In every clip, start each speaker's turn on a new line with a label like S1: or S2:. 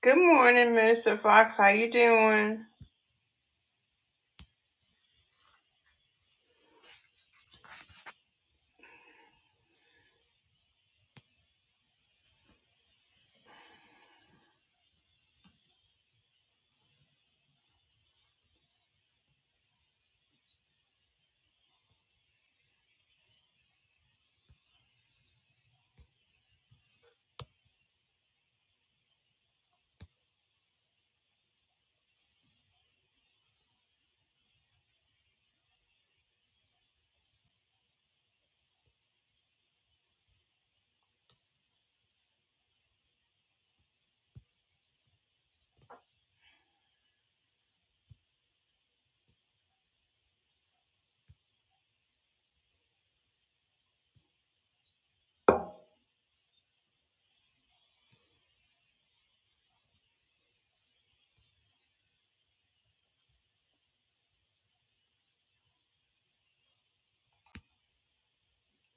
S1: Good morning, Minister Fox. How you doing?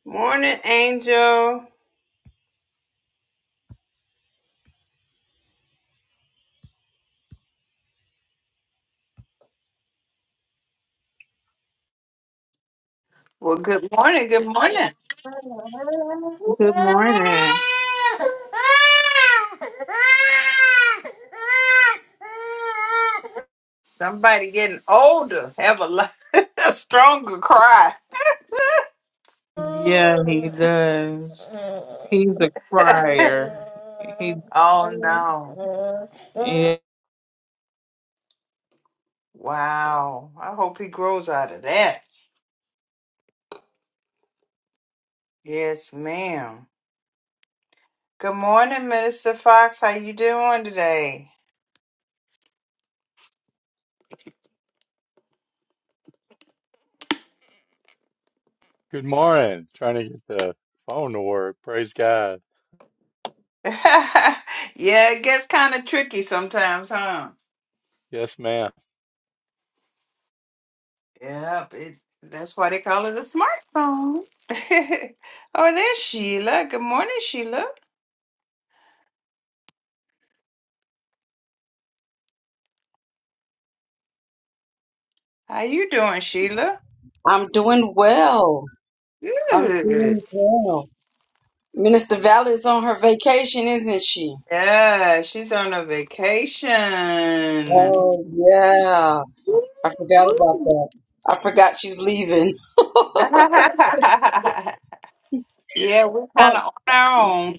S1: Morning, Angel. Well, good morning. Good morning.
S2: Good morning.
S1: Somebody getting older. Have a, lo- a stronger cry.
S2: Yeah, he does. He's a crier. He,
S1: Oh no!
S2: yeah.
S1: Wow. I hope he grows out of that. Yes, ma'am. Good morning, Minister Fox. How you doing today?
S3: Good morning. Trying to get the phone to work. Praise God.
S1: yeah, it gets kind of tricky sometimes, huh?
S3: Yes, ma'am.
S1: Yep, it, that's why they call it a smartphone. oh, there's Sheila. Good morning, Sheila. How you doing, Sheila?
S4: I'm doing well. I'm doing
S1: Good.
S4: well. Minister Valley is on her vacation, isn't she?
S1: Yeah, she's on a vacation.
S4: Oh, yeah. I forgot about
S1: Woo-hoo.
S4: that. I forgot she's leaving.
S1: yeah, we're kind
S4: Oh,
S1: of on our own.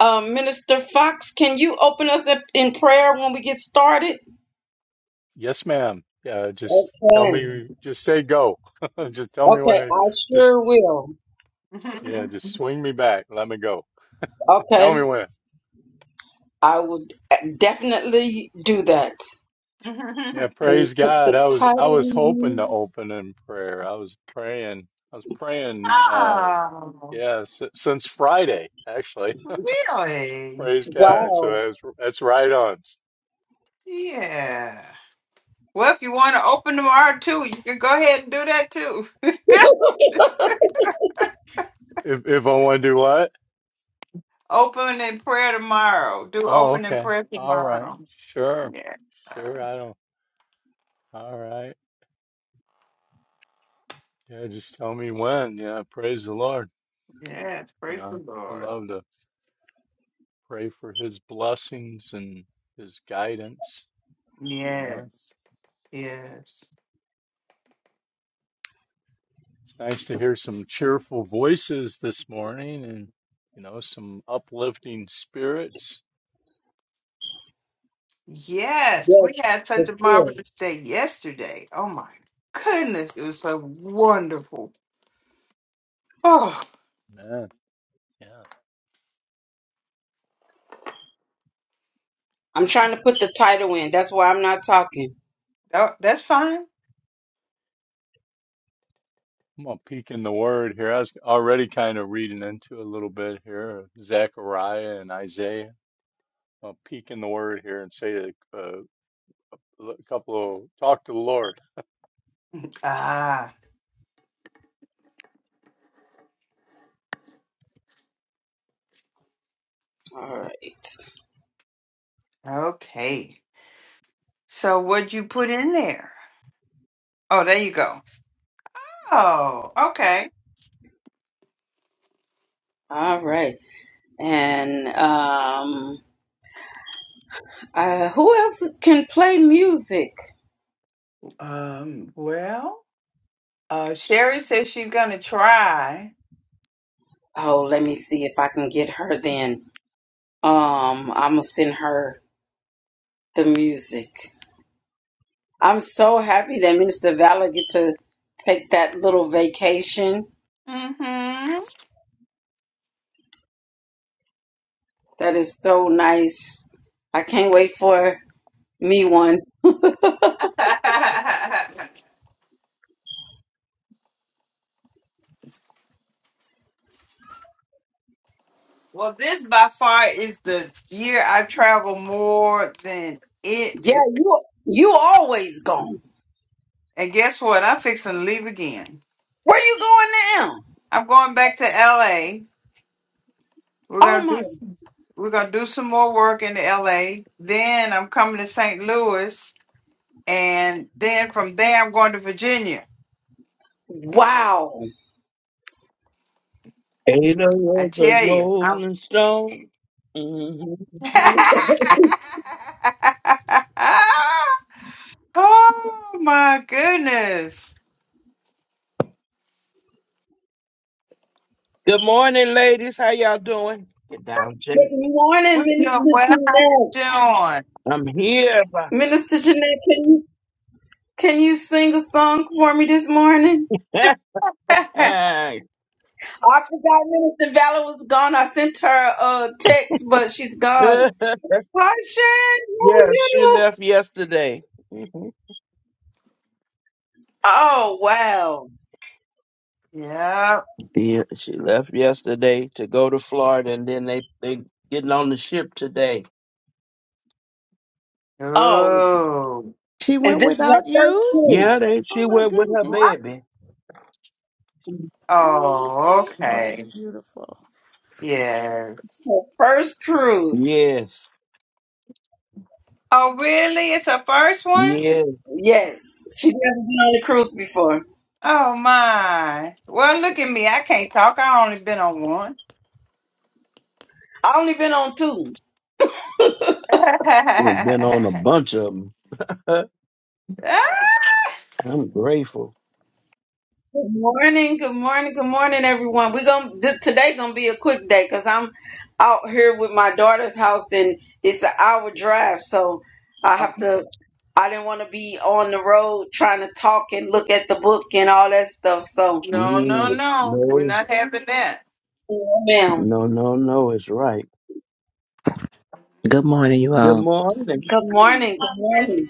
S4: uh, um, Minister Fox, can you open us up in prayer when we get started?
S3: Yes, ma'am. Yeah, just tell
S4: Okay.
S3: me, just say go. Just tell me when
S4: Okay,
S3: to,
S4: I
S3: just,
S4: sure will.
S3: yeah, just swing me back. Let me go. Tell
S4: Okay,
S3: me when.
S4: I will definitely do that.
S3: Yeah,
S4: Let me
S3: praise
S4: put
S3: God.
S4: the
S3: I was, I was
S4: title
S3: hoping to
S4: in
S3: open in prayer. I was praying. I was praying, uh,
S1: oh,
S3: yeah, s- since Friday, actually.
S1: really?
S3: Praise
S4: here.
S3: God. So
S4: Wow.
S3: that's, that's right on.
S1: Yeah. Well, if you want to open tomorrow too, you can go ahead and do that too.
S3: If, if I want to do what?
S1: Open in prayer tomorrow. Do
S3: Oh,
S1: open in
S3: okay.
S1: prayer
S3: All right.
S1: tomorrow.
S3: Sure.
S1: Yeah.
S3: Sure. I don't. All right. Yeah, just tell me when. Yeah, praise the Lord.
S1: Yes. Praise
S3: Yeah,
S1: the
S3: I
S1: Lord.
S3: love to pray for his blessings and his guidance, you know.
S1: Yes. Yes.
S3: It's nice to hear some cheerful voices this morning and, you know, some uplifting spirits.
S1: Yes.
S4: Yes,
S1: We had
S4: for
S1: such a
S4: sure.
S1: marvelous day yesterday. Oh my goodness. It was so wonderful. Oh,
S3: Man, yeah.
S4: I'm trying to put the title in. That's why I'm not talking.
S1: that- that's fine.
S3: I'm gonna peek in the word here. I was already kind of reading into a little bit here, Zechariah and Isaiah. I'll peek in the word here and say that uh, a couple of talk to the Lord.
S1: Ah,
S4: All right.
S1: okay. So what'd you put in there? Oh, there you go. Oh, okay.
S4: All right. And um uh who else can play music?
S1: Um, well, uh Sherry says she's gonna try.
S4: Oh, let me see if I can get her then. Um I'm gonna send her the music. I'm so happy that Minister Valor get to take that little vacation.
S1: Mm-hmm.
S4: That is so nice. I can't wait for me one.
S1: well, this by far is the year I've traveled more than
S4: Yeah,
S1: it.
S4: you you always gone.
S1: And guess what? I'm fixing to leave again.
S4: Where you going now?
S1: I'm going back to LA. We're gonna
S4: Oh my
S1: do we're gonna do some more work in LA. Then I'm coming to St. Louis, and then from there I'm going to Virginia.
S4: Wow.
S5: Ada
S1: I
S5: was a
S1: tell you. I'm-
S5: rolling stone. Mhm.
S4: Good
S1: oh my goodness!
S5: Good morning, ladies. How y'all doing? Get down, Jack.
S1: We're
S4: morning,
S1: doing well.
S4: Minister Jeanette.
S1: Doing.
S5: I'm here.
S4: Minister Jeanette, can you can you sing a song for me this morning?
S5: Hey.
S4: I forgot Minister Valor was gone. I sent her a text, but she's gone. Hi, Shan, how are
S5: yeah, she
S4: you?
S5: left yesterday. Mhm.
S4: Oh wow.
S1: yeah.
S5: Yeah, she left yesterday to go to Florida, and then they they getting on the ship today.
S4: Oh,
S1: Ooh.
S6: She
S4: and
S6: went
S4: this is her
S6: without
S4: first
S6: you?
S4: cruise.
S5: Yeah, they
S6: Oh
S5: she
S6: my
S5: went with her
S6: goodness.
S1: What?
S5: baby. She-
S6: Oh,
S1: Oh,
S6: okay. Oh, that's
S1: okay.
S6: beautiful.
S1: Yes.
S4: Her first cruise.
S5: Yes,
S1: Oh, really? It's her first one?
S5: yes,
S4: Yes, she's never been on a cruise before.
S1: Oh, my. Well, look at me. I can't talk. i only been on one.
S4: I only been on two.
S5: I've been on a bunch of them.
S1: Ah,
S5: I'm grateful.
S4: Good morning, good morning, good morning, everyone. We're gonna th- today gonna be a quick day because I'm out here with my daughter's house and it's an hour drive, so I have to. I didn't want to be on the road trying to talk and look at the book and all that stuff. So,
S1: no, no,
S5: Mm.
S1: no. We're
S5: no,
S1: not having that.
S4: yeah, ma'am,
S5: No, no, no, it's right.
S7: Good morning, you
S5: Good
S7: all.
S5: morning.
S4: good morning, good morning.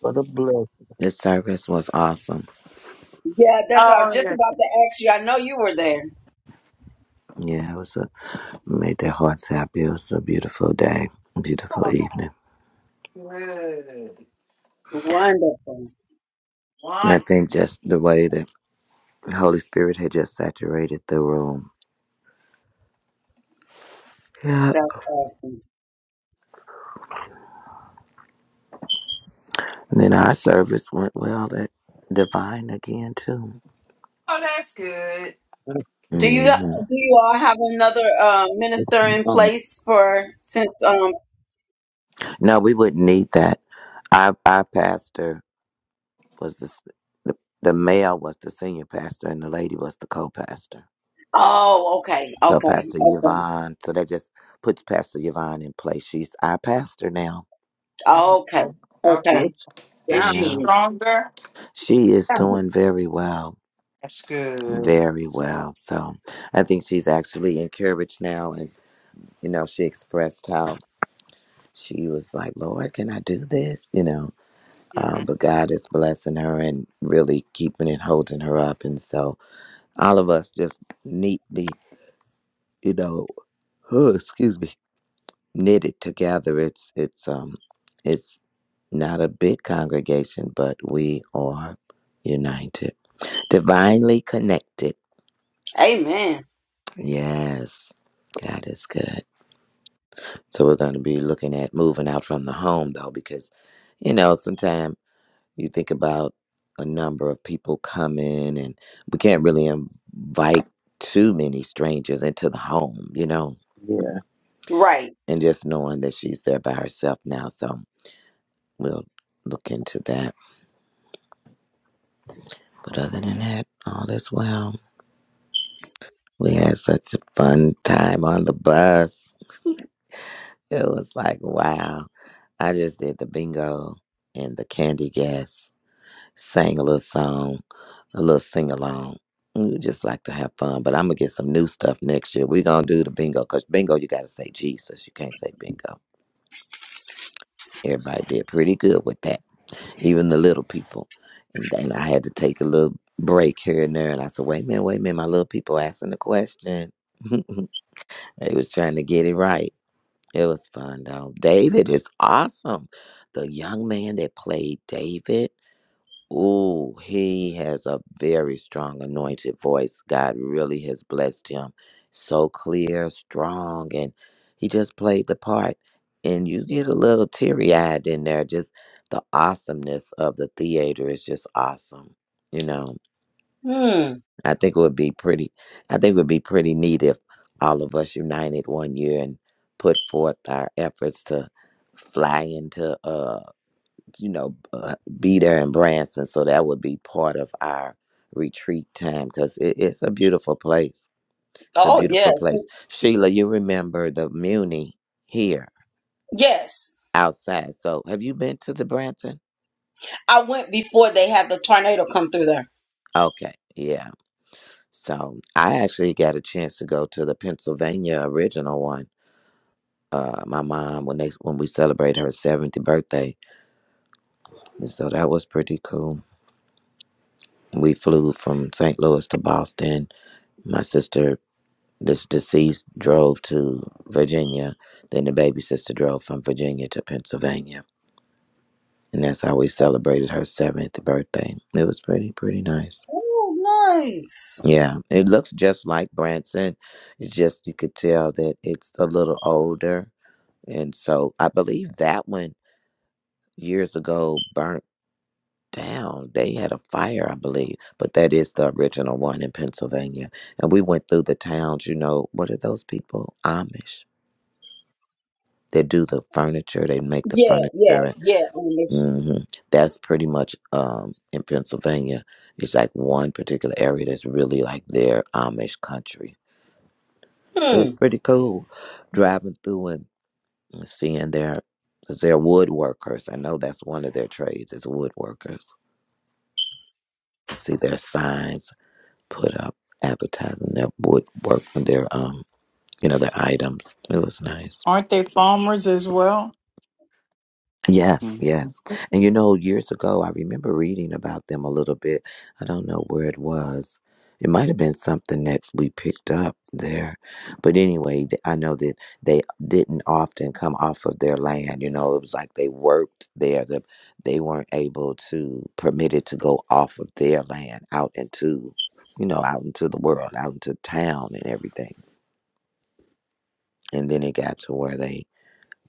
S5: What a blessing.
S7: This service was awesome.
S4: Yeah, that's what I was
S1: Oh,
S4: just
S1: yes.
S4: about to ask you. I know you were there.
S7: Yeah, it was a made their hearts happy. It was a beautiful day, beautiful evening.
S1: Good.
S4: Wonderful,
S7: And I
S1: One.
S7: think just the way that the Holy Spirit had just saturated the room. Yeah.
S4: that's awesome.
S7: And then our service went well that divine again too.
S1: Oh, that's good.
S4: Do you
S7: hmm
S4: do you all have another uh, minister in
S5: Oh,
S4: place for since? um
S7: No, we wouldn't need that. Our our pastor was the, s- the the male was the senior pastor and the lady was the co pastor.
S4: Oh, okay,
S7: So
S4: okay,
S7: Pastor
S4: okay,
S7: Yvonne, so that just puts Pastor Yvonne in place. She's our pastor now.
S4: okay,
S1: Okay. Okay.
S4: okay.
S5: It's
S1: Is she
S7: Yeah.
S5: down.
S1: stronger?
S7: She is doing very well.
S1: That's good.
S7: Very well. So I think she's actually encouraged now and you know, she expressed how she was like, Lord, can I do this? You know, um,
S1: Mhm.
S7: but God is blessing her and really keeping and holding her up. And so all of us just neatly, you know, excuse me, knitted together. It's, it's, um, it's not a big congregation, but we are united, divinely connected.
S4: Amen.
S7: Yes, God is good. So we're going to be looking at moving out from the home, though, because, you know, sometimes you think about a number of people coming and we can't really invite too many strangers into the home, you know,
S5: Yeah,
S4: Right.
S7: and just knowing that she's there by herself now. So we'll look into that. But other than that, all is well. We had such a fun time on the bus. It was like, wow. I just did the bingo and the candy guess, sang a little song, a little sing along. We just like to have fun, but I'm gonna get some new stuff next year. We're gonna do the bingo because bingo, you gotta say Jesus. You can't say bingo. Everybody did pretty good with that, even the little people. And then I had to take a little break here and there, and I said, wait a minute, wait a minute, my little people asking the question. they was trying to get it right. It was fun though. David is awesome. The young man that played David, ooh, he has a very strong anointed voice. God really has blessed him. So clear, strong, and he just played the part. And you get a little teary eyed in there. Just the awesomeness of the theater is just awesome, you know.
S4: Hmm.
S7: I think it would be pretty. I think it would be pretty neat if all of us united one year and put forth our efforts to fly into, uh, you know, uh, be there in Branson. So that would be part of our retreat time because it, it's a beautiful place. It's a
S4: Oh,
S7: beautiful
S4: yes,
S7: place. Sheila, you remember the Muni here
S4: yes.
S7: outside. So have you been to the Branson?
S4: I went before they had the tornado come through there.
S7: Okay, yeah. So I actually got a chance to go to the Pennsylvania original one uh, my mom when they when we celebrated her 70th birthday, and so that was pretty cool. We flew from St. Louis to Boston. My sister, this deceased, drove to Virginia. Then the baby sister drove from Virginia to Pennsylvania, and that's how we celebrated her 70th birthday. It was pretty pretty nice.
S4: Oh, nice.
S7: Yeah, it looks just like Branson. It's just you could tell that it's a little older, and so I believe that one years ago burnt down. They had a fire, I believe, but that is the original one in Pennsylvania. And we went through the towns, you know, what are those people? Amish. They do the furniture, they make the
S4: Yeah,
S7: furniture.
S4: yeah,
S7: And,
S4: yeah. on this-
S7: mhm. That's pretty much um, in Pennsylvania. It's like one particular area that's really like their Amish country. It
S4: Hmm.
S7: was pretty cool driving through and seeing their, because they're woodworkers. I know that's one of their trades is woodworkers. And see their signs put up advertising their wood work their um you know their items. It was nice.
S1: Aren't they farmers as well?
S7: Yes,
S1: Mhm.
S7: yes. And you know, years ago I remember reading about them a little bit. I don't know where it was. It might have been something that we picked up there. But anyway, th- I know that they didn't often come off of their land. You know, it was like they worked there. The, they weren't able to, permitted to go off of their land out into, you know, out into the world, out into town and everything and then it got to where they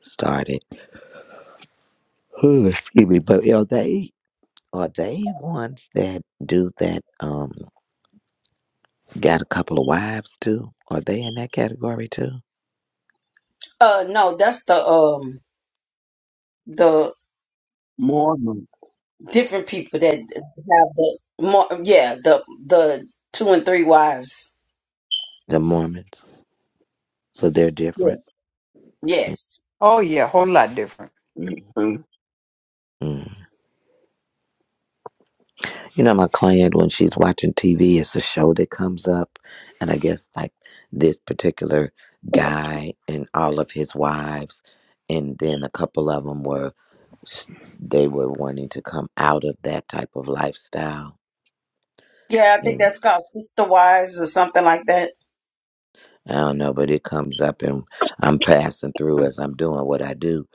S7: started. excuse me, but are they are they ones that do that? Um, got a couple of wives too. Are they in that category too?
S4: Uh, no, that's the um the
S5: morning.
S4: different people that have the more. Yeah, the the two and three wives.
S7: The Mormons, so they're
S4: Yeah.
S7: different.
S4: Yes.
S1: Oh yeah, whole lot different.
S5: Mhm.
S7: Mm. You know, my client when she's watching TV, it's a show that comes up, and I guess like this particular guy and all of his wives, and then a couple of them were they were wanting to come out of that type of lifestyle
S4: Yeah, I think
S7: and.
S4: that's called sister wives or something like that.
S7: I don't know, but it comes up and I'm passing through as I'm doing what I do.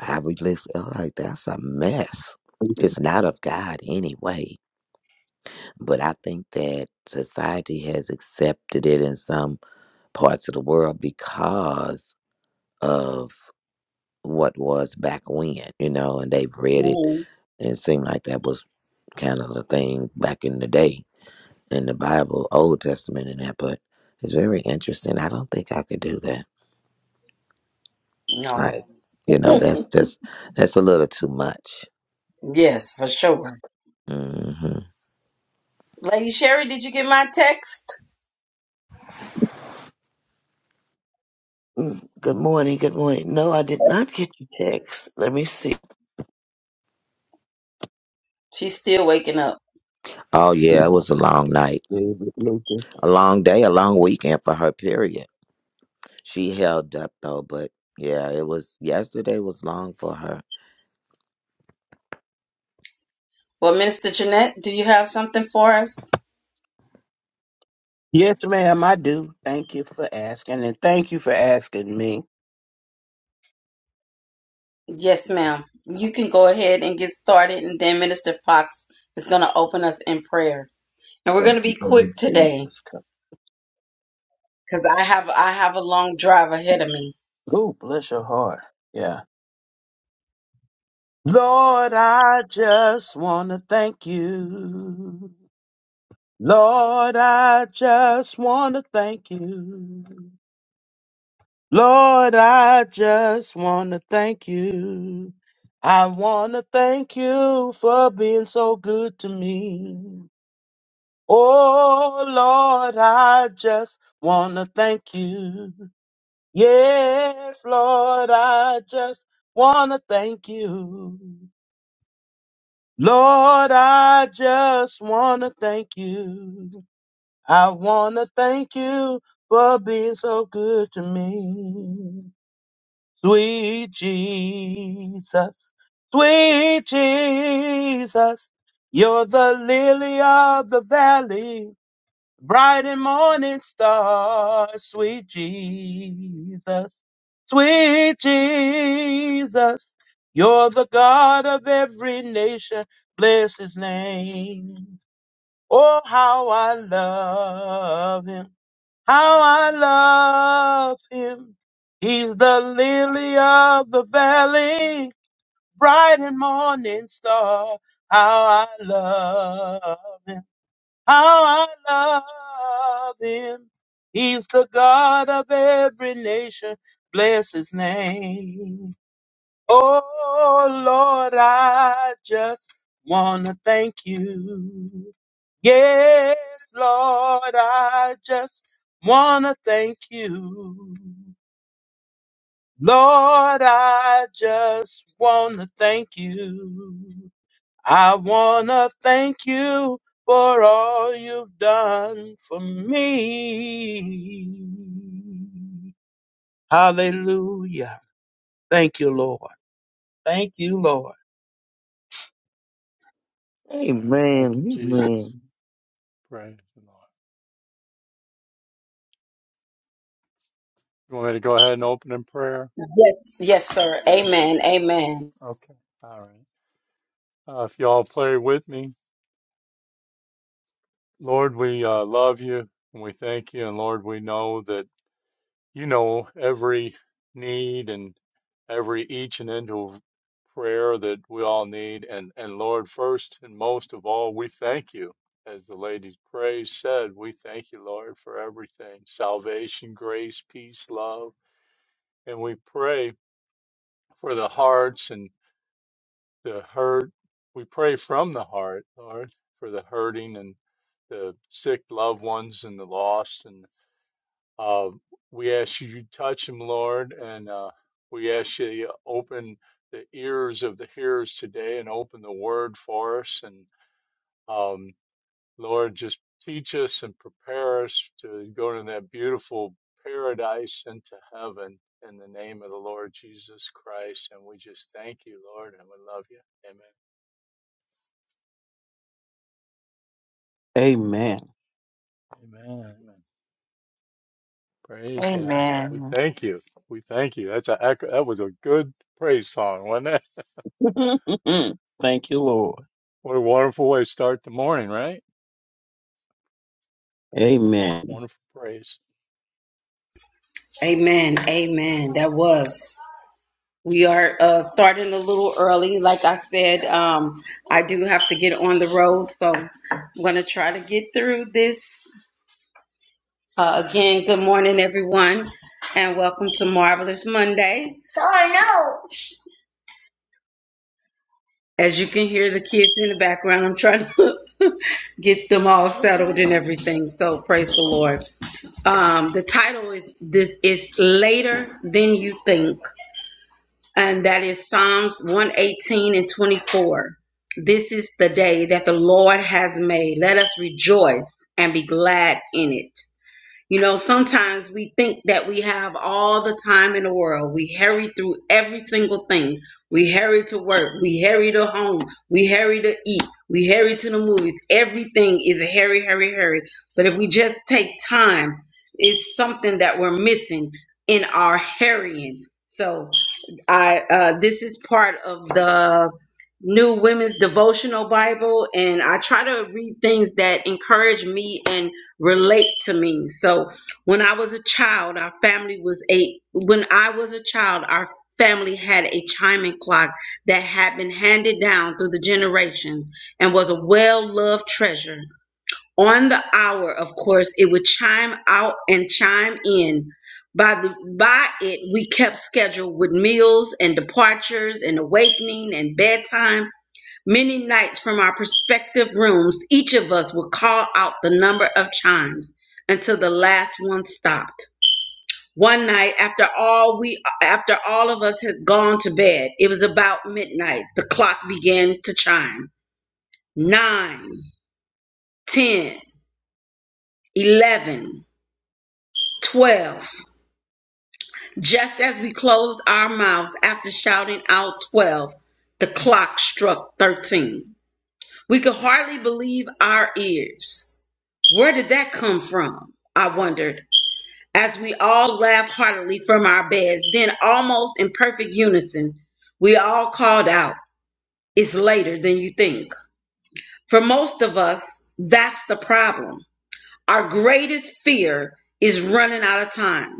S7: I would listen, I'm like, that's a mess. It's not of God anyway. But I think that society has accepted it in some parts of the world because of what was back when, you know, and they've read it
S4: hmm
S7: and it seemed like that was kind of the thing back in the day in the Bible, Old Testament and that, but it's very interesting. I don't think I could do that.
S4: No.
S7: Like, you know, that's just that's a little too much.
S4: Yes, for sure.
S7: hmm
S4: Lady Sherry, did you get my text?
S8: Mm, Good morning. Good morning. No, I did not get your text. Let me see.
S4: She's still waking up.
S7: Oh yeah, it was a long night,
S5: David Lucas.
S7: a long day, a long weekend for her. Period. She held up though, but yeah, it was yesterday was long for her.
S4: Well, Minister Jeanette, do you have something for us?
S5: Yes, ma'am, I do. Thank you for asking, and thank you for asking me.
S4: Yes, ma'am. You can go ahead and get started, and then Minister Fox is going to open us in prayer. And we're going to be quick today
S5: Jesus Christ.
S4: because I have I have a long drive ahead of me.
S5: Oh, bless your heart. Yeah. Lord, I just want to thank you. Lord, I just want to thank you. Lord, I just want to thank you. I want to thank you for being so good to me. Oh, Lord, I just want to thank you. Yes, Lord, I just want to thank you. Lord, I just want to thank you. I want to thank you for being so good to me. Sweet Jesus, sweet Jesus, you're the lily of the valley, bright and morning star. Sweet Jesus, sweet Jesus, you're the God of every nation. Bless his name. Oh, how I love him. How I love him. He's the lily of the valley, bright and morning star. How I love him. How I love him. He's the God of every nation. Bless his name. Oh Lord, I just wanna thank you. Yes, Lord, I just wanna thank you. Lord, I just wanna thank you. I wanna thank you for all you've done for me. Hallelujah. Thank you, Lord. Thank you, Lord.
S3: And thank you,
S8: Amen.
S3: Jesus.
S8: Amen.
S3: Praise the Lord. You want me to go ahead and open in prayer?
S4: Yes, yes, sir. Amen. Amen.
S3: Okay. All right. Uh, if y'all pray with me, Lord, we uh, love you and we thank you. And Lord, we know that you know every need and every each and individual prayer that we all need. And, and Lord, first and most of all, we thank you. As the lady's praise said, we thank you, Lord, for everything salvation, grace, peace, love and we pray for the hearts and the hurt. We pray from the heart, Lord, for the hurting and the sick loved ones and the lost. And uh, we ask you to touch them, Lord, and uh, we ask you to open the ears of the hearers today and open the word for us. And um, Lord, just teach us and prepare us to go to that beautiful paradise into heaven in the name of the Lord Jesus Christ. And we just thank you, Lord, and we love you.
S5: Amen.
S3: Amen. Amen. Amen. Praise God. We
S1: Amen.
S3: thank you. We thank you. That's a that was a good praise song, wasn't it?
S5: Thank you, Lord.
S3: What a wonderful way to start the morning, right?
S5: Amen.
S3: Wonderful praise.
S4: Amen. Amen. That was. We are uh, starting a little early. Like I said, um, I do have to get on the road, so I'm going to try to get through this. Uh, again, good morning, everyone, and welcome to Marvelous Monday. As you can hear the kids in the background, I'm trying to get them all settled and everything. So praise the Lord. Um, the title is this is later than you think. and that is Psalms 118 and 24. This is the day that the Lord has made. Let us rejoice and be glad in it. You know, sometimes we think that we have all the time in the world. We hurry through every single thing. We hurry to work. We hurry to home. We hurry to eat. We hurry to the movies. Everything is a hurry, hurry, hurry. But if we just take time, it's something that we're missing in our hurrying. So, I uh, this is part of the New Women's Devotional Bible, and I try to read things that encourage me and relate to me. So, when I was a child, our family was a when I was a child, our family had a chiming clock that had been handed down through the generation and was a well-loved treasure on the hour of course it would chime out and chime in by the by it we kept schedule with meals and departures and awakening and bedtime many nights from our prospective rooms each of us would call out the number of chimes until the last one stopped one night after all we after all of us had gone to bed it was about midnight the clock began to chime nine ten eleven 12. Just as we closed our mouths after shouting out 12, the clock struck 13. We could hardly believe our ears. Where did that come from? I wondered, as we all laughed heartily from our beds. Then, almost in perfect unison, we all called out, It's later than you think. For most of us, that's the problem. Our greatest fear is running out of time.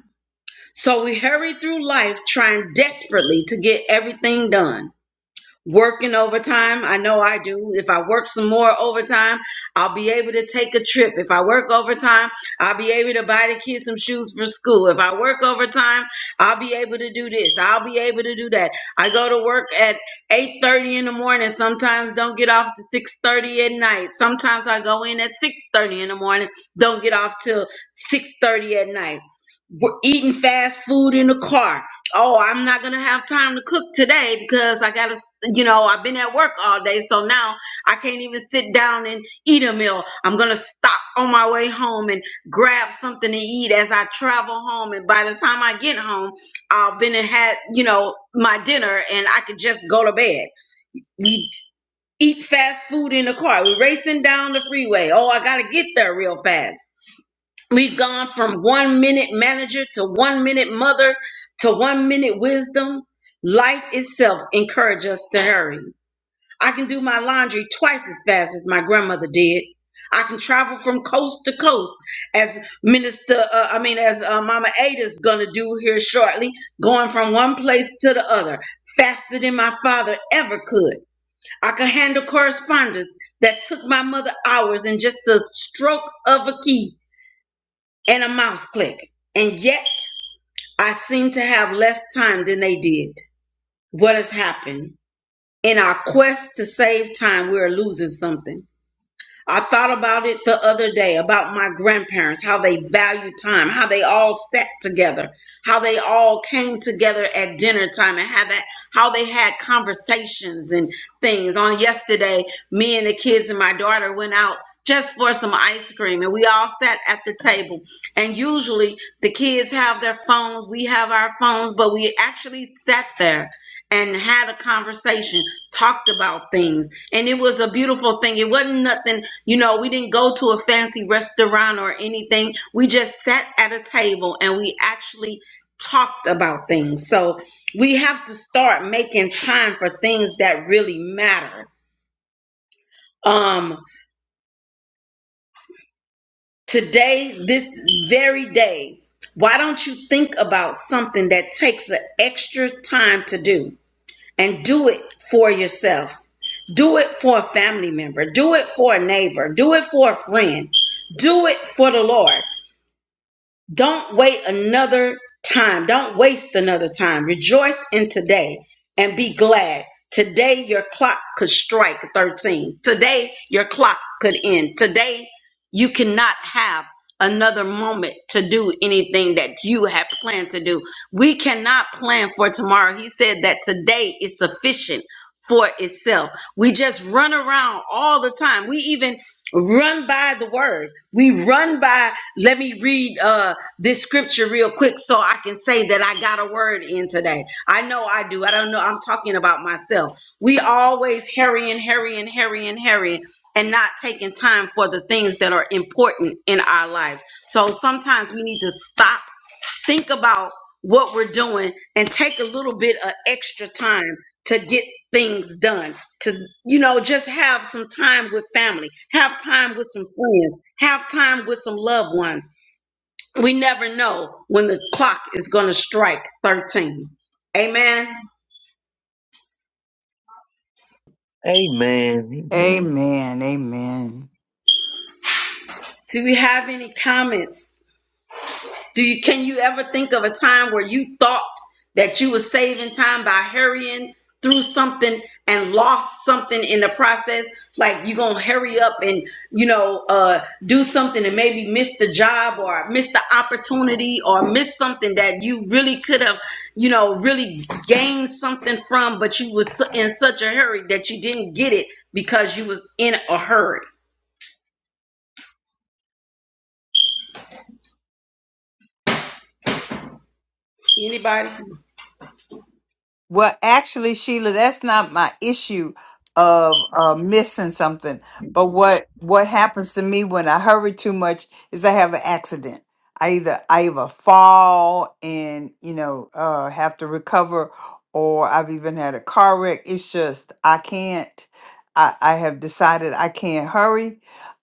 S4: So we hurry through life trying desperately to get everything done working overtime. I know I do. If I work some more overtime, I'll be able to take a trip. If I work overtime, I'll be able to buy the kids some shoes for school. If I work overtime, I'll be able to do this. I'll be able to do that. I go to work at 8:30 in the morning. Sometimes don't get off to 6:30 at night. Sometimes I go in at 6:30 in the morning, don't get off till 6:30 at night. We're eating fast food in the car oh, I'm not gonna have time to cook today because I gotta you know, I've been at work all day, so now I can't even sit down and eat a meal. I'm gonna stop on my way home and grab something to eat as I travel home. And by the time I get home, I've been and had, you know, my dinner and I could just go to bed. We eat fast food in the car. We're racing down the freeway. Oh, I gotta get there real fast. We've gone from one minute manager to one minute mother to one minute wisdom. Life itself encourages us to hurry. I can do my laundry twice as fast as my grandmother did. I can travel from coast to coast, as Minister, uh, I mean, as uh, Mama Ada's gonna do here shortly, going from one place to the other faster than my father ever could. I can handle correspondence that took my mother hours in just the stroke of a key and a mouse click. And yet, I seem to have less time than they did. What has happened? In our quest to save time, we are losing something I thought about it the other day about my grandparents, how they valued time, how they all sat together, how they all came together at dinner time and how that how they had conversations and things. On yesterday, me and the kids and my daughter went out just for some ice cream and we all sat at the table. And usually the kids have their phones, we have our phones, but we actually sat there and had a conversation talked about things and it was a beautiful thing it wasn't nothing you know we didn't go to a fancy restaurant or anything we just sat at a table and we actually talked about things so we have to start making time for things that really matter um today this very day why don't you think about something that takes an extra time to do and do it for yourself Do it for a family member. Do it for a neighbor. Do it for a friend. Do it for the Lord. Don't wait another time. Don't waste another time. Rejoice in today and be glad. Today your clock could strike 13. Today your clock could end. Today you cannot have another moment to do anything that you have planned to do. We cannot plan for tomorrow. He said that today is sufficient for itself. We just run around all the time. We even run by the word. We run by let me read Uh this scripture real quick so I can say that I got a word in today. I know I do. I don't know. I'm talking about myself. We always hurrying, hurrying, hurrying, hurrying, and not taking time for the things that are important in our lives. So sometimes we need to stop, think about what we're doing, and take a little bit of extra time to get things done. To, you know, just have some time with family, have time with some friends, have time with some loved ones we never know when the clock is going to strike 13. Amen.
S8: Amen. Amen.
S1: Amen. Amen.
S4: Do we have any comments Do you can you ever think of a time where you thought that you were saving time by hurrying through something and lost something in the process? Like you gonna hurry up and you know uh, do something and maybe miss the job or miss the opportunity or miss something that you really could have you know really gained something from, but you was in such a hurry that you didn't get it because you was in a hurry. Anybody?
S1: Well, actually, Sheila, that's not my issue of uh, missing something. But what what happens to me when I hurry too much is I have an accident. I either I either fall and you know uh, have to recover, or I've even had a car wreck. It's just I can't. I, I have decided I can't hurry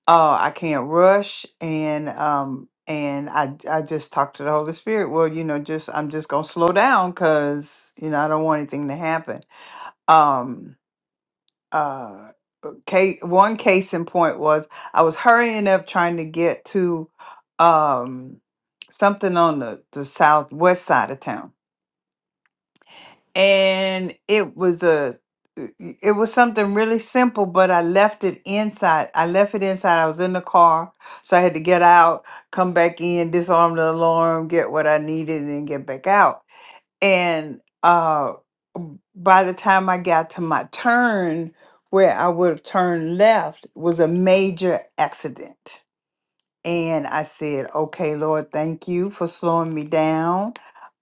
S1: oh i can't rush and um and i i just talk to the holy spirit well you know just i'm just gonna slow down because you know i don't want anything to happen um uh case one case in point was i was hurrying up trying to get to um something on the the southwest side of town and it was a it was something really simple but i left it inside i left it inside i was in the car so i had to get out come back in disarm the alarm get what i needed and then get back out and uh by the time i got to my turn where i would have turned left was a major accident and I said, "Okay, Lord, thank you for slowing me down.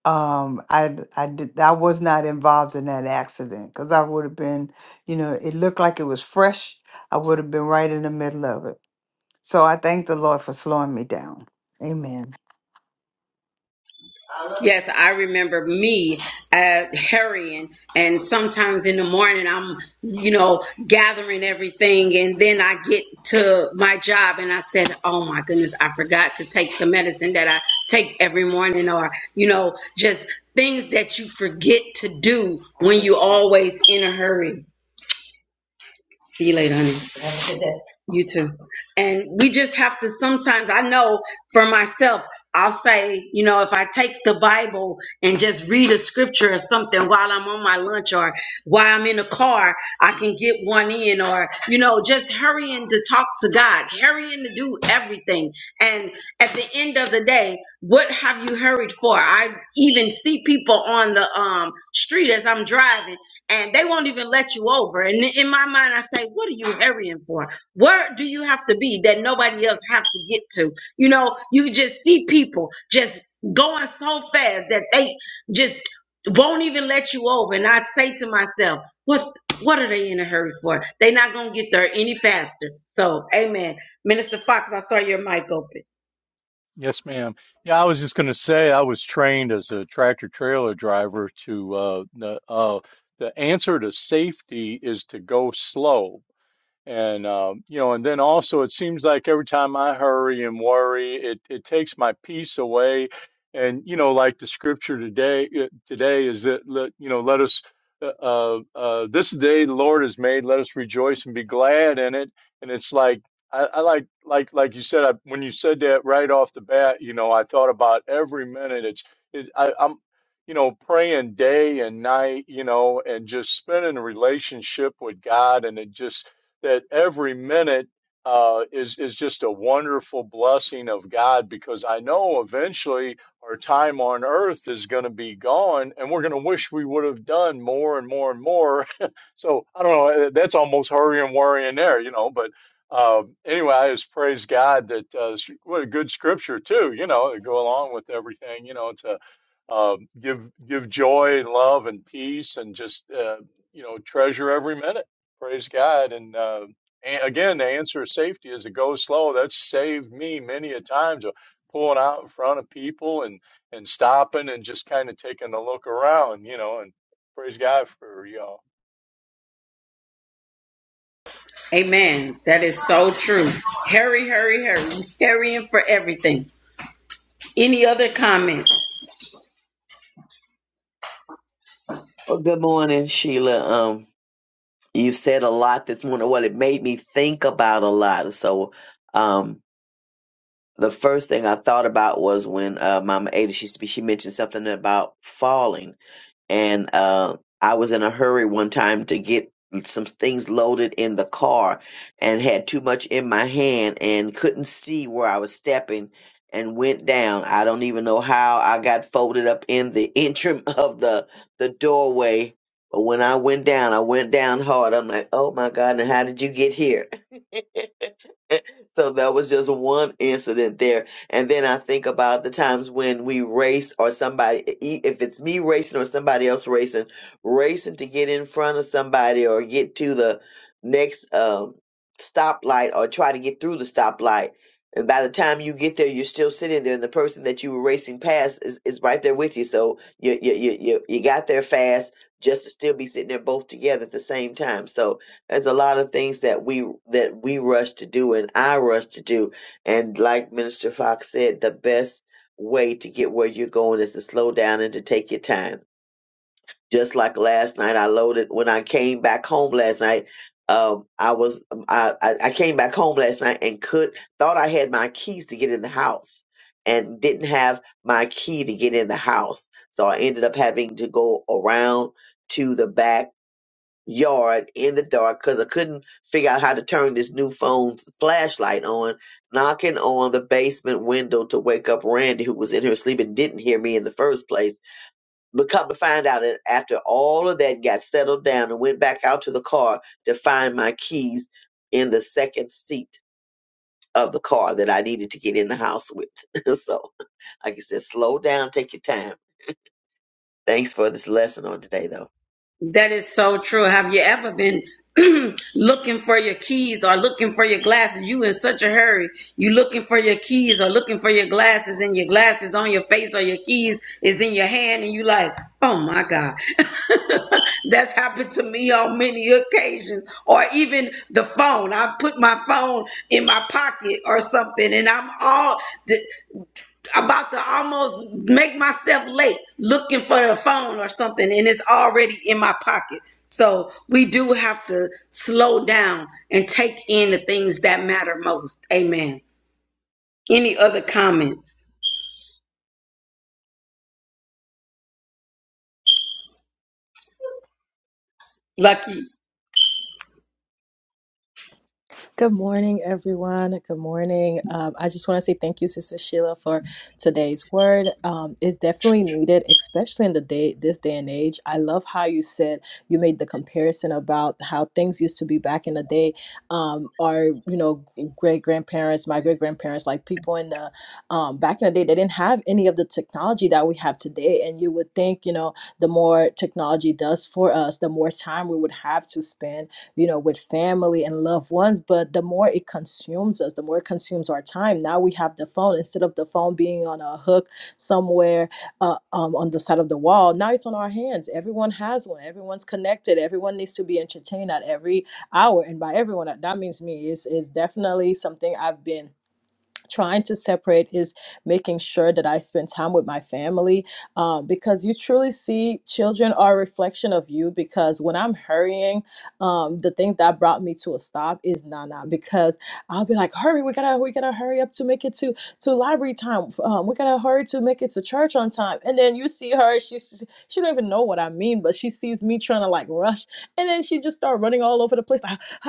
S1: Um, I d- I did I was not involved in that accident because I would have been, you know, it looked like it was fresh. I would have been right in the middle of it. So I thank the Lord for slowing me down. Amen.
S4: Yes, I remember me uh, hurrying, and sometimes in the morning I'm, you know, gathering everything, and then I get to my job, and I said, "Oh my goodness, I forgot to take the medicine that I take every morning," or you know, just things that you forget to do when you always in a hurry. See you later, honey. You too. And we just have to sometimes, I know for myself, I'll say, you know, if I take the Bible and just read a scripture or something while I'm on my lunch or while I'm in the car, I can get one in or, you know, just hurrying to talk to God, hurrying to do everything. And at the end of the day, what have you hurried for? I even see people on the um, street as I'm driving and they won't even let you over. And in my mind, I say, what are you hurrying for? Where do you have to be that nobody else have to get to? You know, you just see people just going so fast that they just won't even let you over. And I'd say to myself, what what are they in a hurry for? They're not gonna get there any faster. So amen. Minister Fox, I saw your mic open.
S3: Yes, ma'am. Yeah, I was just going to say I was trained as a tractor trailer driver to uh, the uh, the answer to safety is to go slow. And um, you know, and then also it seems like every time I hurry and worry, it it takes my peace away. And you know, like the scripture today uh, today is that let, you know, let us uh, uh, uh, this day the Lord has made, let us rejoice and be glad in it. And it's like I, I like like like you said I, when you said that right off the bat, you know, I thought about every minute. It's it, I, I'm you know, praying day and night, you know, and just spending a relationship with God. And it just that every minute uh, is is just a wonderful blessing of God because I know eventually our time on earth is going to be gone and we're going to wish we would have done more and more and more. so I don't know. eh, That's almost hurry and worry in there, you know. But uh, anyway, I just praise God that uh, what a good scripture too, you know, to go along with everything. You know, it's a um, give give joy and love and peace and just uh, you know treasure every minute. Praise God and. Uh, and again, the answer of safety is to go slow. That's saved me many a times of pulling out in front of people and and stopping and just kind of taking a look around, you know. And praise God for y'all.
S4: Amen. That is so true. Hurry, hurry, hurry. Hurrying for everything. Any other comments?
S8: Well, good morning, Sheila. Um, you said a lot this morning. Well, it made me think about a lot. So, um, the first thing I thought about was when uh, Mama Ada she she mentioned something about falling. and uh, I was in a hurry one time to get some things loaded in the car and had too much in my hand and couldn't see where I was stepping and went down. I don't even know how I got folded up in the interim of the the doorway. But when I went down, I went down hard. I'm like, oh my God, and how did you get here? so that was just one incident there and then I think about the times when we race or somebody, e- e, if it's me racing or somebody else racing, racing to get in front of somebody or get to the next um, stoplight or try to get through the stoplight. And by the time you get there, you're still sitting there, and the person that you were racing past is, is right there with you. So you, you you you you got there fast, just to still be sitting there both together at the same time. So there's a lot of things that we that we rush to do, and I rush to do, and like Minister Fox said, the best way to get where you're going is to slow down and to take your time. Just like last night, I loaded when I came back home last night. Um, I was um, I, I I came back home last night and could thought I had my keys to get in the house and didn't have my key to get in the house, so I ended up having to go around to the back yard in the dark because I couldn't figure out how to turn this new phone's flashlight on, knocking on the basement window to wake up Randy, who was in her sleep and didn't hear me in the first place. But come to find out that after all of that got settled down and went back out to the car to find my keys in the second seat of the car that I needed to get in the house with. so, like I said, slow down, take your time. Thanks for this lesson on today, though.
S4: That is so true. Have you ever been looking for your keys or looking for your glasses? You in such a hurry. You looking for your keys or looking for your glasses and your glasses on your face or your keys is in your hand and you like, oh my God. That's happened to me on many occasions. Or even the phone. I've put my phone in my pocket or something and I'm all about to almost make myself late looking for the phone or something and it's already in my pocket so we do have to slow down and take in the things that matter most amen any other comments lucky
S9: Good morning, everyone. Good morning. Um, I just want to say thank you, Sister Sheila, for today's word. Um, it's definitely needed, especially in the day this day and age. I love how you said you made the comparison about how things used to be back in the day. Um, our you know great grandparents, my great grandparents, like people in the um, back in the day, they didn't have any of the technology that we have today. And you would think you know the more technology does for us, the more time we would have to spend you know, with family and loved ones. But the more it consumes us, the more it consumes our time. Now we have the phone instead of the phone being on a hook somewhere uh, um, on the side of the wall. Now it's on our hands. Everyone has one. Everyone's connected. Everyone needs to be entertained at every hour. And by everyone, that that means me. It's, it's definitely something I've been trying to separate is making sure that I spend time with my family um, because you truly see children are a reflection of you. Because when I'm hurrying, um, the thing that brought me to a stop is Nana because I'll be like, hurry, we gotta, we gotta hurry up to make it to to library time. Um, we gotta hurry to make it to church on time. And then you see her, she she she don't even know what I mean, but she sees me trying to like rush and then she just started running all over the place, like,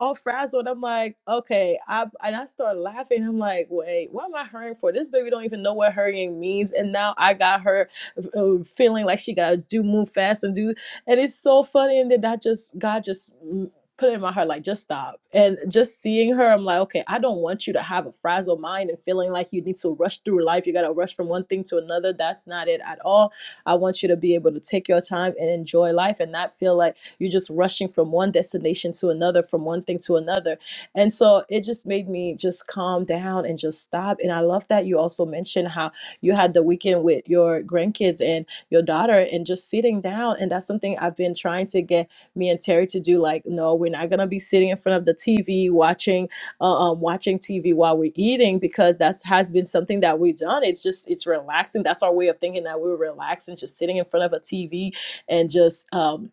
S9: all frazzled. I'm like, okay. I, and I started laughing. I'm like, wait, what am I hurrying for? This baby don't even know what hurrying means. And now I got her uh, feeling like she got to do move fast and do. And it's so funny. And then that just, God just mm, put it in my heart, like, just stop. And just seeing her, I'm like, okay, I don't want you to have a frazzled mind and feeling like you need to rush through life. You got to rush from one thing to another. That's not it at all. I want you to be able to take your time and enjoy life and not feel like, you're just rushing from one destination to another, from one thing to another. And so it just made me just calm down and just stop. And I love that you also mentioned how you had the weekend with your grandkids and your daughter and just sitting down. And that's something I've been trying to get me and Terry to do. Like, no, we're not gonna be sitting in front of the TV watching uh, um, watching TV while we're eating because that's has been something that we've done. It's just it's relaxing. That's our way of thinking that we we're relaxing, just sitting in front of a TV and just um,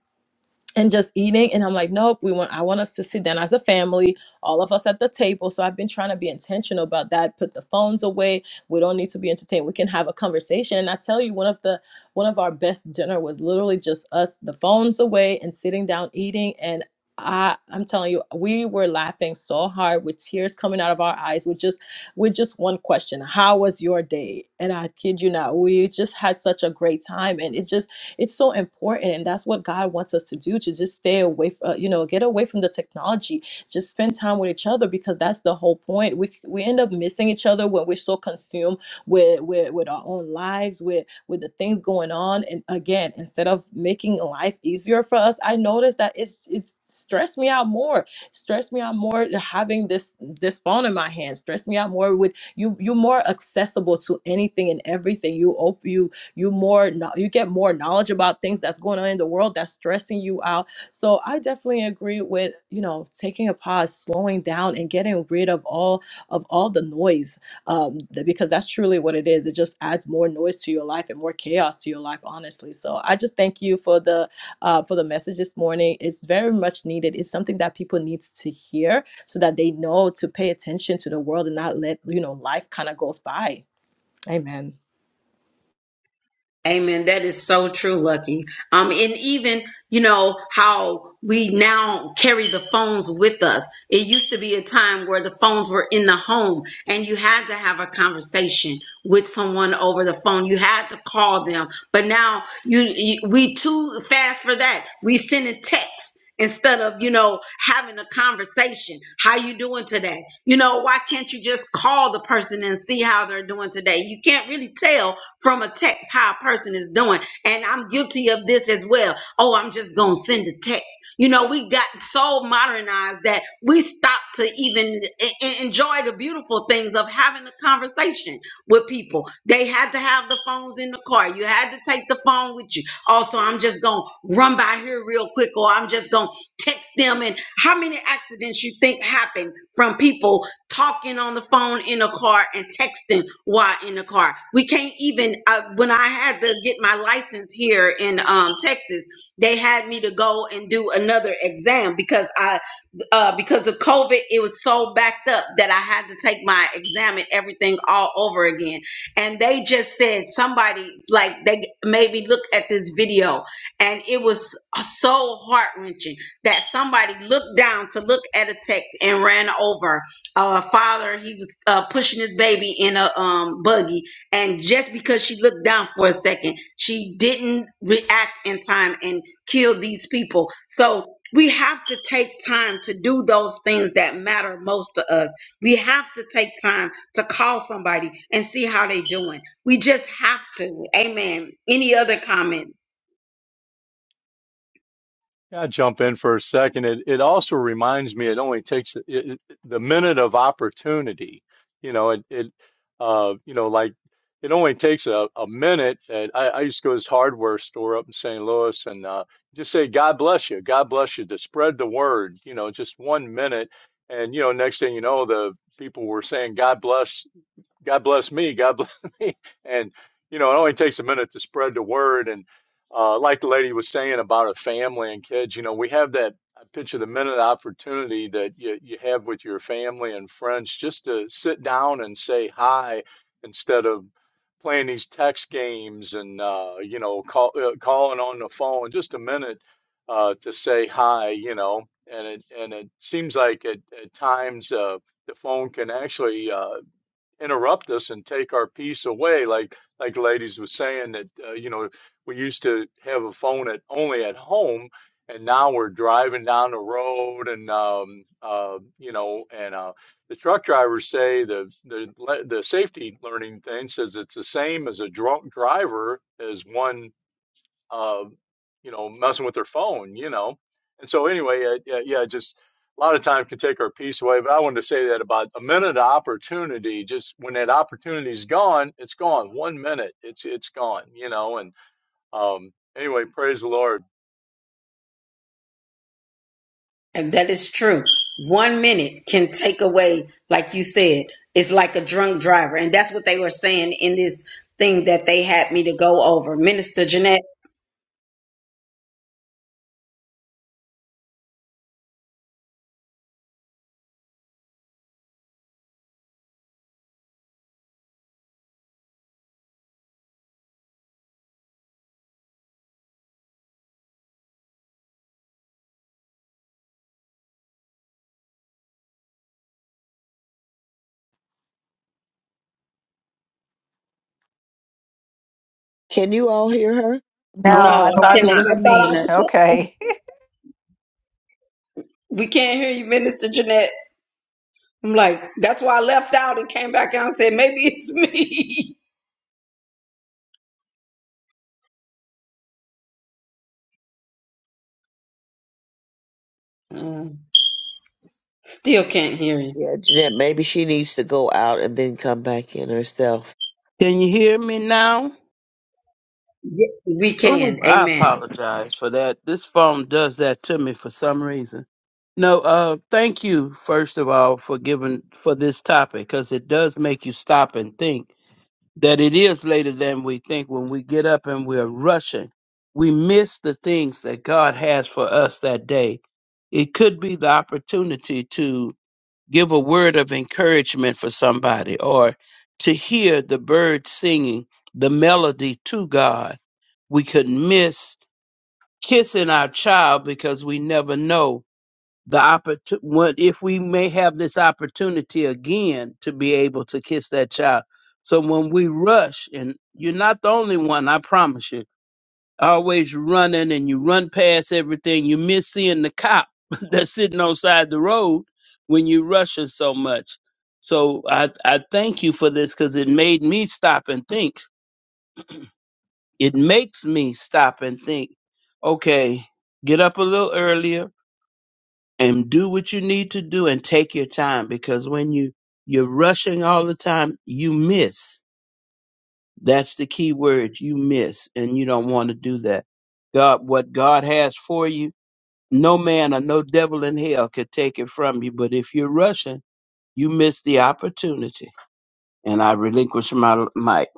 S9: and just eating and i'm like nope we want i want us to sit down as a family all of us at the table so i've been trying to be intentional about that put the phones away we don't need to be entertained we can have a conversation and i tell you one of the one of our best dinner was literally just us the phones away and sitting down eating and I, I'm telling you, we were laughing so hard with tears coming out of our eyes with just with just one question. How was your day? And I kid you not, we just had such a great time. And it just it's so important, and that's what God wants us to do to just stay away, uh, you know, get away from the technology. Just spend time with each other because that's the whole point. We we end up missing each other when we're so consumed with with, with our own lives, with with the things going on. And again, instead of making life easier for us, I noticed that it's it's stressed me out more stressed me out more having this this phone in my hand stressed me out more with you you're more accessible to anything and everything you open you you more you get more knowledge about things that's going on in the world that's stressing you out so i definitely agree with you know taking a pause slowing down and getting rid of all of all the noise um th- because that's truly what it is it just adds more noise to your life and more chaos to your life honestly so i just thank you for the uh for the message this morning it's very much needed it's something that people need to hear so that they know to pay attention to the world and not let you know life kind of goes by amen
S4: Amen. That is so true, Lucky. Um, and even you know how we now carry the phones with us. It used to be a time where the phones were in the home, and you had to have a conversation with someone over the phone. You had to call them. But now you, you we too fast for that. We send a text instead of you know having a conversation how you doing today you know why can't you just call the person and see how they're doing today you can't really tell from a text how a person is doing and i'm guilty of this as well oh i'm just gonna send a text you know we got so modernized that we stopped to even e- e- enjoy the beautiful things of having a conversation with people they had to have the phones in the car you had to take the phone with you also, I'm just gonna run by here real quick, or I'm just gonna text them. And how many accidents you think happen from people talking on the phone in a car and texting while in the car? We can't even. Uh, when I had to get my license here in um, Texas, they had me to go and do another exam because I uh, because of COVID, it was so backed up that I had to take my exam and everything all over again. And they just said somebody like they made me look at this video, and it was so heart wrenching that somebody looked down to look at a text and ran over a father. He was uh, pushing his baby in a um, buggy, and just because she looked down for a second, she didn't react in time and killed these people. So we have to take time to do those things that matter most to us. We have to take time to call somebody and see how they doing. We just have to. Amen. Any other comments?
S3: Yeah, I jump in for a second. It it also reminds me it only takes it, it, the minute of opportunity. You know, it it uh you know like it only takes a, a minute. And I, I used to go to this hardware store up in St. Louis and uh, just say, "God bless you, God bless you," to spread the word. You know, just one minute, and you know, next thing you know, the people were saying, "God bless." God bless me. God bless me. And, you know, it only takes a minute to spread the word. And uh, like the lady was saying about a family and kids, you know, we have that I picture the minute opportunity that you, you have with your family and friends just to sit down and say hi instead of playing these text games and, uh, you know, call, uh, calling on the phone, just a minute uh, to say hi, you know. And it, and it seems like at, at times uh, the phone can actually uh, interrupt us and take our peace away like like ladies was saying that uh, you know we used to have a phone at only at home and now we're driving down the road and um uh you know and uh the truck drivers say the the le- the safety learning thing says it's the same as a drunk driver as one uh, you know, messing with their phone, you know. And so anyway, uh, yeah, yeah, just a lot of time can take our peace away. But I wanted to say that about a minute of opportunity, just when that opportunity's gone, it's gone. One minute, it's it's gone, you know. And um, anyway, praise the Lord.
S4: And that is true. One minute can take away, like you said, it's like a drunk driver. And that's what they were saying in this thing that they had me to go over. Minister Jeanette,
S8: Can you all hear her?
S1: No,
S6: No,
S4: no,
S1: I
S6: no, we
S4: I
S1: thought it
S6: can't
S4: cannot. I
S1: was
S6: hear you,
S4: thought
S1: me.
S4: I,
S6: Jeanette.
S1: Okay.
S4: we can't hear you, Minister Jeanette. I'm like, that's why I left out and came back out and said, maybe it's me. Uh, still can't hear you.
S8: Yeah, Jeanette, maybe she needs to go out and then come back in herself.
S5: Can you hear me now?
S4: Ye- We
S5: Oh,
S4: can.
S5: I
S4: Amen.
S5: apologize for that. This phone does that to me for some reason. No, uh, thank you first of all for giving for this topic because it does make you stop and think that it is later than we think. When we get up and we're rushing, we miss the things that God has for us that day. It could be the opportunity give a word of encouragement for somebody or to hear the birds singing the melody to God. We could miss kissing our child because we never know the opportunity what if we may have this opportunity again to be able to kiss that child. So when we rush and you're not the only one, I promise you always running and you run past everything. You miss seeing the cop that's sitting on side the road when you are rushing so much. So I, I thank you for this because it made me stop and think. It makes me stop and think, okay, get up a little earlier and do what you need to do and take your time because when you you're rushing all the time, you miss. That's the key word, you miss, and you don't want to do that. God, what God has for you No man or no devil in hell could take it from you. But if you're rushing, you miss the opportunity. And I relinquish my mic.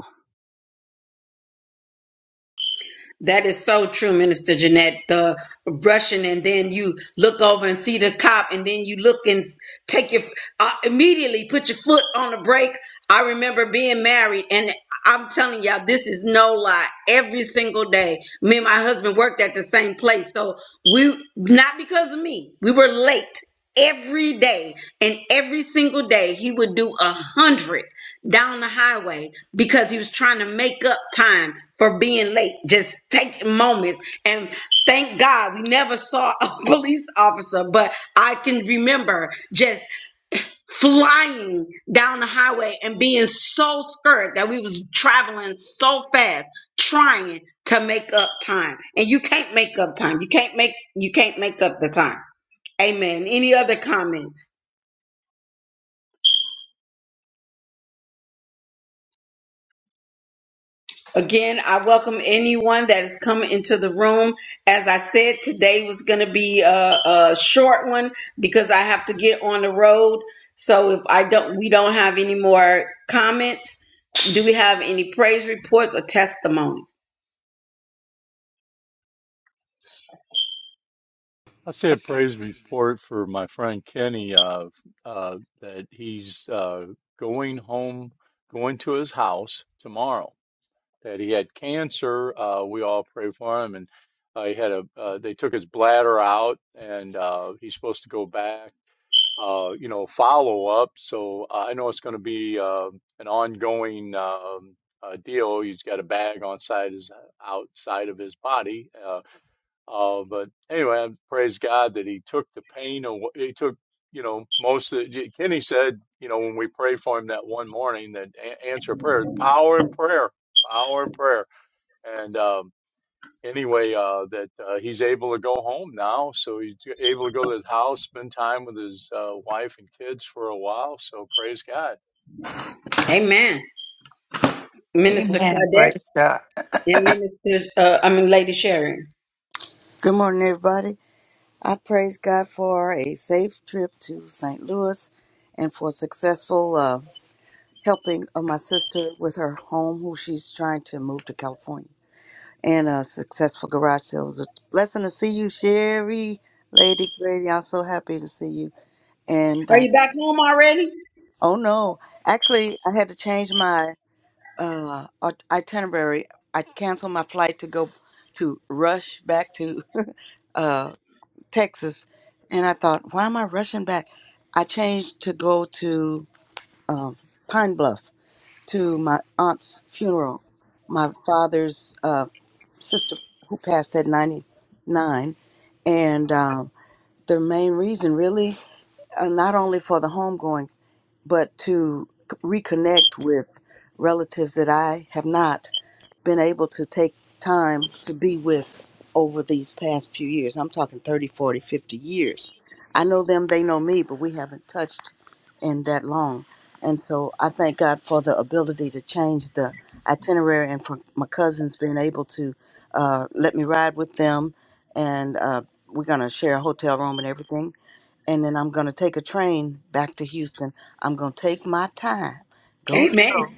S4: That is so true, Minister Jeanette. The brushing, and then you look over and see the cop, and then you look and s- take your uh, immediately put your foot on the brake. I remember being married, and I'm telling y'all, this is no lie. Every single day, me and my husband worked at the same place, so we not because of me, we were late every day, and every single day he would do a hundred down the highway because he was trying to make up time for being late, just taking moments. And thank God we never saw a police officer, but I can remember just flying down the highway and being so scared that we was traveling so fast, trying to make up time. And you can't make up time. You can't make you can't make up the time. Amen. Any other comments? Again, I welcome anyone that is coming into the room. As I said, today was going to be a, a short one because I have to get on the road. So if I don't, we don't have any more comments. Do we have any praise reports or testimonies?
S3: I will say a praise report for my friend Kenny uh, uh, that he's uh, going home, going to his house tomorrow that he had cancer. Uh, we all prayed for him, and uh, he had a. Uh, they took his bladder out, and uh, he's supposed to go back. Uh, you know, follow up. So uh, I know it's going to be uh, an ongoing um, uh, deal. He's got a bag on side his outside of his body. Uh, uh, but anyway, I praise God that he took the pain away. He took you know most of the, Kenny said you know when we prayed for him that one morning that a- answer prayer power in prayer power in prayer and um, anyway, uh, that uh, he's able to go home now, so he's able to go to his house, spend time with his uh, wife and kids for a while. So praise God.
S4: Amen. Minister
S1: Amen.
S4: Claudette
S1: Praise God.
S4: and Minister, uh, I mean, Lady Sharon.
S6: Good morning, everybody. I praise God for a safe trip to St. Louis and for successful uh, helping of my sister with her home, who she's trying to move to California, and a successful garage sale. It was a blessing to see you, Sherry, Lady Grady. I'm so happy to see you. And
S4: Are
S6: uh,
S4: you back home already?
S6: oh no, actually, I had to change my uh, it- itinerary, I canceled my flight to go to rush back to uh, Texas, and I thought, why am I rushing back? I changed to go to um, Pine Bluff to my aunt's funeral, my father's uh, sister who passed at ninety nine, and um, the main reason really, uh, not only for the homegoing, but to c- reconnect with relatives that I have not. been able to take time to be with over these past few years. I'm talking 30, 40, 50 years. I know them, they know me, but we haven't touched in that long. And so I thank God for the ability to change the itinerary and for my cousins being able to uh, let me ride with them. And uh, we're going to share a hotel room and everything. And then I'm going to take a train back to Houston. I'm going to take my time, go slow,
S4: Amen.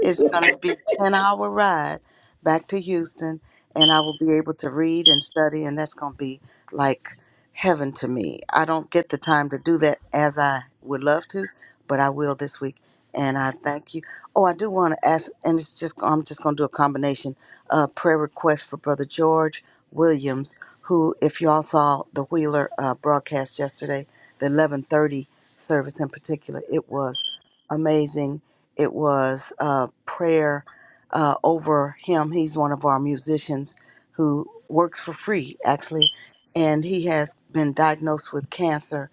S6: it's going to be a 10 hour ride back to Houston, and I will be able to read and study, and that's going to be like heaven to me. I don't get the time to do that as I would love to, but I will this week. And I thank you. Oh, I do want to ask, and it's just I'm just going to do a combination uh, prayer request for Brother George Williams, who, if y'all saw the Wheeler uh, broadcast yesterday, the 11:30 service in particular, it was amazing it was a prayer uh, over him. He's one of our musicians who works for free, actually, and he has been diagnosed with cancer.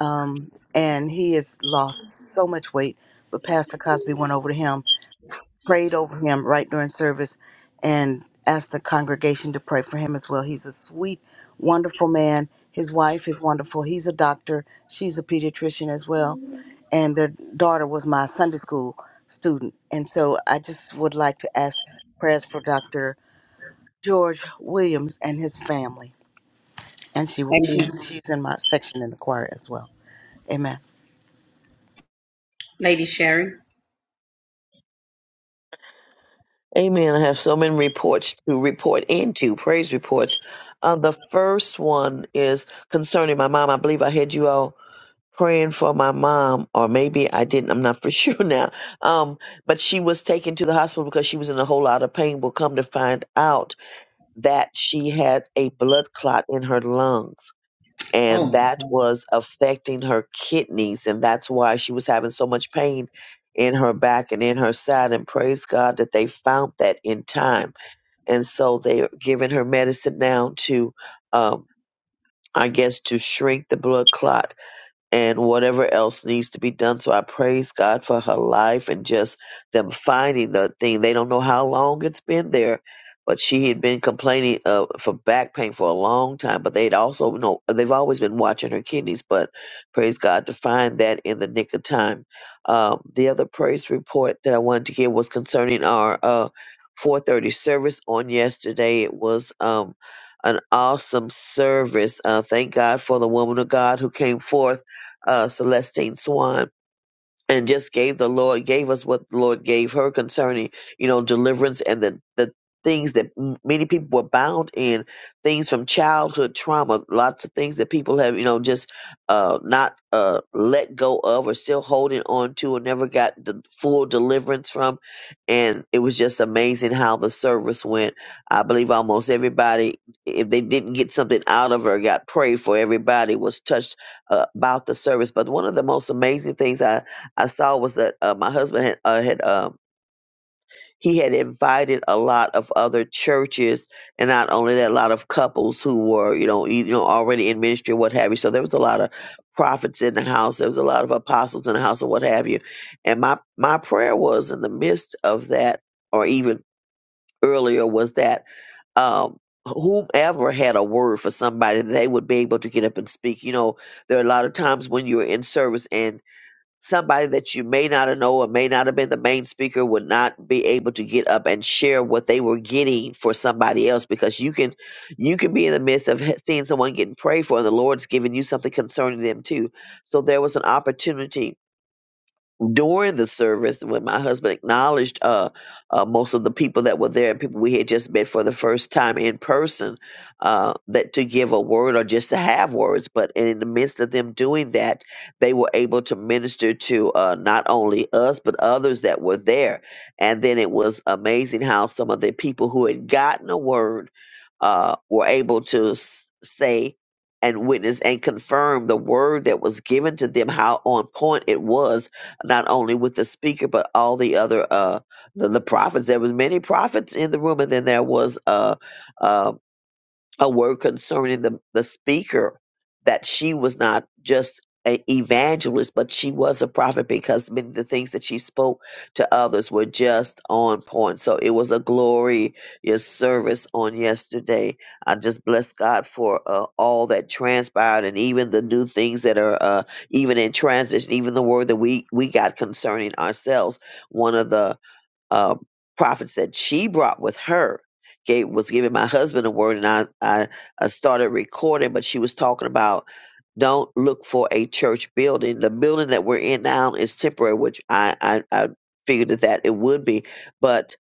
S6: Um, and he has lost so much weight. But Pastor Cosby went over to him prayed over him right during service and asked the congregation to pray for him as well. He's a sweet, wonderful man. His wife is wonderful. He's a doctor. She's a pediatrician as well. And their daughter was my Sunday school student. And so I just would like to ask prayers for Dr. George Williams and his family. And she
S4: Amen.
S6: she's she's in my section in the choir as well. Amen.
S4: Lady Sharon.
S8: Amen. I have so many reports to report into, praise reports. Uh, the first one is concerning my mom. I believe I had you all praying for my mom, or maybe I didn't. I'm not for sure now. Um, but she was taken to the hospital because she was in a whole lot of pain. We'll come to find out that she had a blood clot in her lungs
S4: Oh
S8: and
S4: my.
S8: that was affecting her kidneys and that's why she was having so much pain in her back and in her side and praise god that they found that in time and so they're giving her medicine now to um, i guess to shrink the blood clot and whatever else needs to be done. So I praise God for her life and just them finding the thing. They don't know how long it's been there, but she had been complaining uh, for back pain for a long time. But they'd also know they've always been watching her kidneys. But praise God to find that in the nick of time. Um, the other praise report that I wanted to give was concerning our uh, 4:30 service on yesterday. It was um, an awesome service. Uh, thank God for the woman of God who came forth uh, Celestine Swan and just gave the Lord, gave us what the Lord gave her concerning, you know, deliverance and the, the things that m- many people were bound in, things from childhood trauma, lots of things that people have, you know, just uh, not uh, let go of or still holding on to or never got the full deliverance from. And it was just amazing how the service went. I believe almost everybody, if they didn't get something out of her, got prayed for. Everybody was touched uh, about the service. But one of the most amazing things I I saw was that uh, my husband had, uh, had um, he had invited a lot of other churches, and not only that, a lot of couples who were you know e- you know already in ministry, what have you. So there was a lot of prophets in the house. There was a lot of apostles in the house, and what have you. And my my prayer was in the midst of that, or even earlier, was that. Um, whomever had a word for somebody they would be able to get up and speak you know there are a lot of times when you're in service and somebody that you may not know or may not have been the main speaker would not be able to get up and share what they were getting for somebody else because you can you can be in the midst of he- seeing someone getting prayed for and the lord's giving you something concerning them too so there was an opportunity during the service when my husband acknowledged uh, uh, most of the people that were there and people we had just met for the first time in person uh, that to give a word or just to have words but in the midst of them doing that they were able to minister to uh, not only us but others that were there and then it was amazing how some of the people who had gotten a word uh, were able to s- say and witness and confirm the word that was given to them how on point it was not only with the speaker but all the other uh the, the prophets. There was many prophets in the room, and then there was uh, um a word concerning the, the speaker that she was not just an evangelist, but she was a prophet because many of the things that she spoke to others were just on point. So it was a glorious service on yesterday. I just bless God for uh, all that transpired and even the new things that are uh, even in transition, even the word that we, we got concerning ourselves. One of the uh, prophets that she brought with her gave, was giving my husband a word, and I, I, I started recording, but she was talking about don't look for a church building. The building that we're in now is temporary, which I, I, I figured that that it would be, but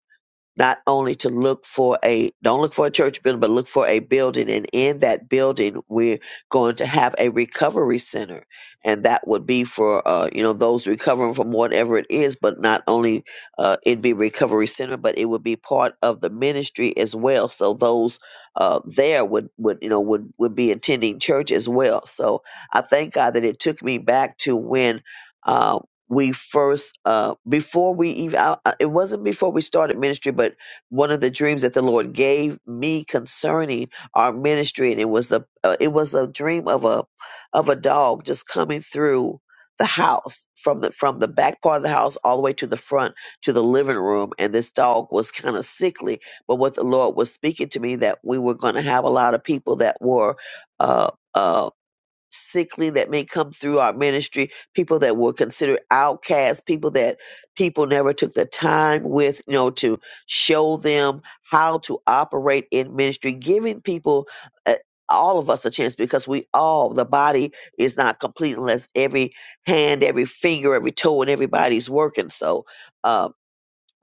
S8: not only to look for a don't look for a church building but look for a building and in that building we're going to have a recovery center and that would be for uh, you know those recovering from whatever it is but not only uh, it'd be recovery center but it would be part of the ministry as well so those uh, there would would you know would would be attending church as well so i thank god that it took me back to when uh, we first uh before we even I, I- it wasn't before we started ministry but one of the dreams that the lord gave me concerning our ministry and it was the uh, it was a dream of a of a dog just coming through the house from the from the back part of the house all the way to the front to the living room and this dog was kind of sickly but what the lord was speaking to me that we were going to have a lot of people that were uh uh, sickly that may come through our ministry, people that were considered outcasts, people that people never took the time with, you know, to show them how to operate in ministry, giving people uh, all of us a chance because we all the body is not complete unless every hand, every finger, every toe, and everybody's working. So, uh,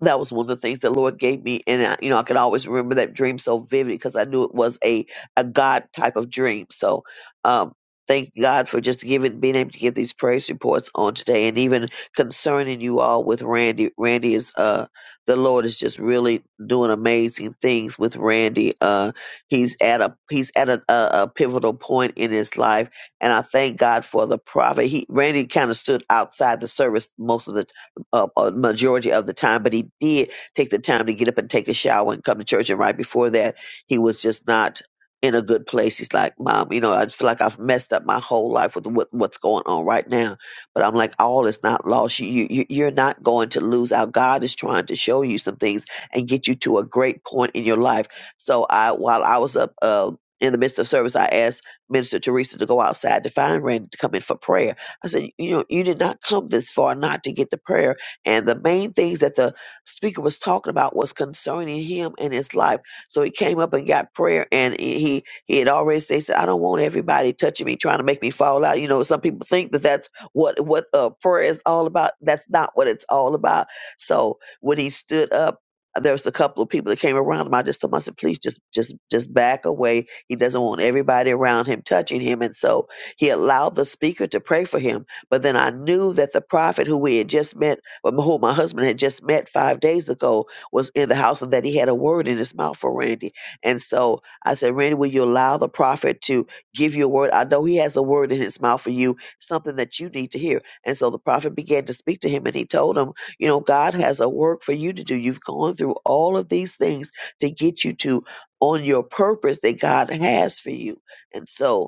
S8: that was one of the things the Lord gave me, and I, you know I could always remember that dream so vividly because I knew it was a a God type of dream. So, um, thank God for just giving, being able to give these praise reports on today, and even concerning you all with Randy. Randy is uh the Lord is just really doing amazing things with Randy. Uh, he's at a he's at a, a, a pivotal point in his life, and I thank God for the prophet. He Randy kind of stood outside the service most of the time uh, uh, majority of the time, but he did take the time to get up and take a shower and come to church. And right before that, he was just not in a good place. He's like, Mom, you know, I feel like I've messed up my whole life with what, what's going on right now. But I'm like, all is not lost. You, you, you- you're not going to lose out. God is trying to show you some things and get you to a great point in your life. So I, while I was up, uh, in the midst of service, I asked Minister Teresa to go outside to find Randy to come in for prayer. I said, you know, you did not come this far not to get the prayer and the main things that the speaker was talking about was concerning him and his life. So he came up and got prayer, and he he had already said, he said, "I don't want everybody touching me, trying to make me fall out." You know, some people think that that's what what uh, prayer is all about. That's not what it's all about. So when he stood up. There was a couple of people that came around him. I just told him, I said, please just just just back away. He doesn't want everybody around him touching him. And so he allowed the speaker to pray for him. But then I knew that the prophet who we had just met but who my husband had just met five days ago was in the house and that he had a word in his mouth for Randy. And so I said, Randy, will you allow the prophet to give you a word? I know he has a word in his mouth for you, something that you need to hear. And so the prophet began to speak to him and he told him, you know, God has a work for you to do. You've gone through all of these things to get you to on your purpose that God has for you. And so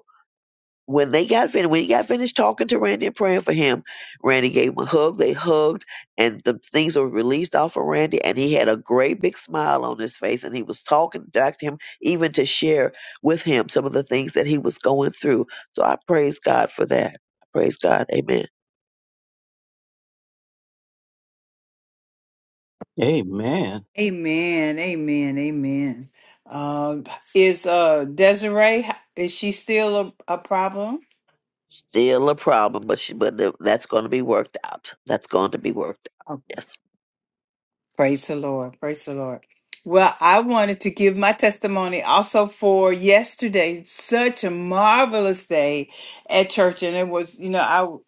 S8: when they got finished, when he got finished talking to Randy and praying for him, Randy gave him a hug. They hugged, and the things were released off of Randy, and he had a great big smile on his face, and he was talking back to him, even to share with him some of the things that he was going through. So I praise God for that. I praise God. Amen.
S5: Amen.
S1: Amen. Amen. Amen. Um, is uh Desiree is she still a, a problem?
S8: Still a problem, but she, but th- that's going to be worked out. That's going to be worked out. Yes.
S1: Praise the Lord. Praise the Lord. Well, I wanted to give my testimony also for yesterday. Such a marvelous day at church, and it was, you know,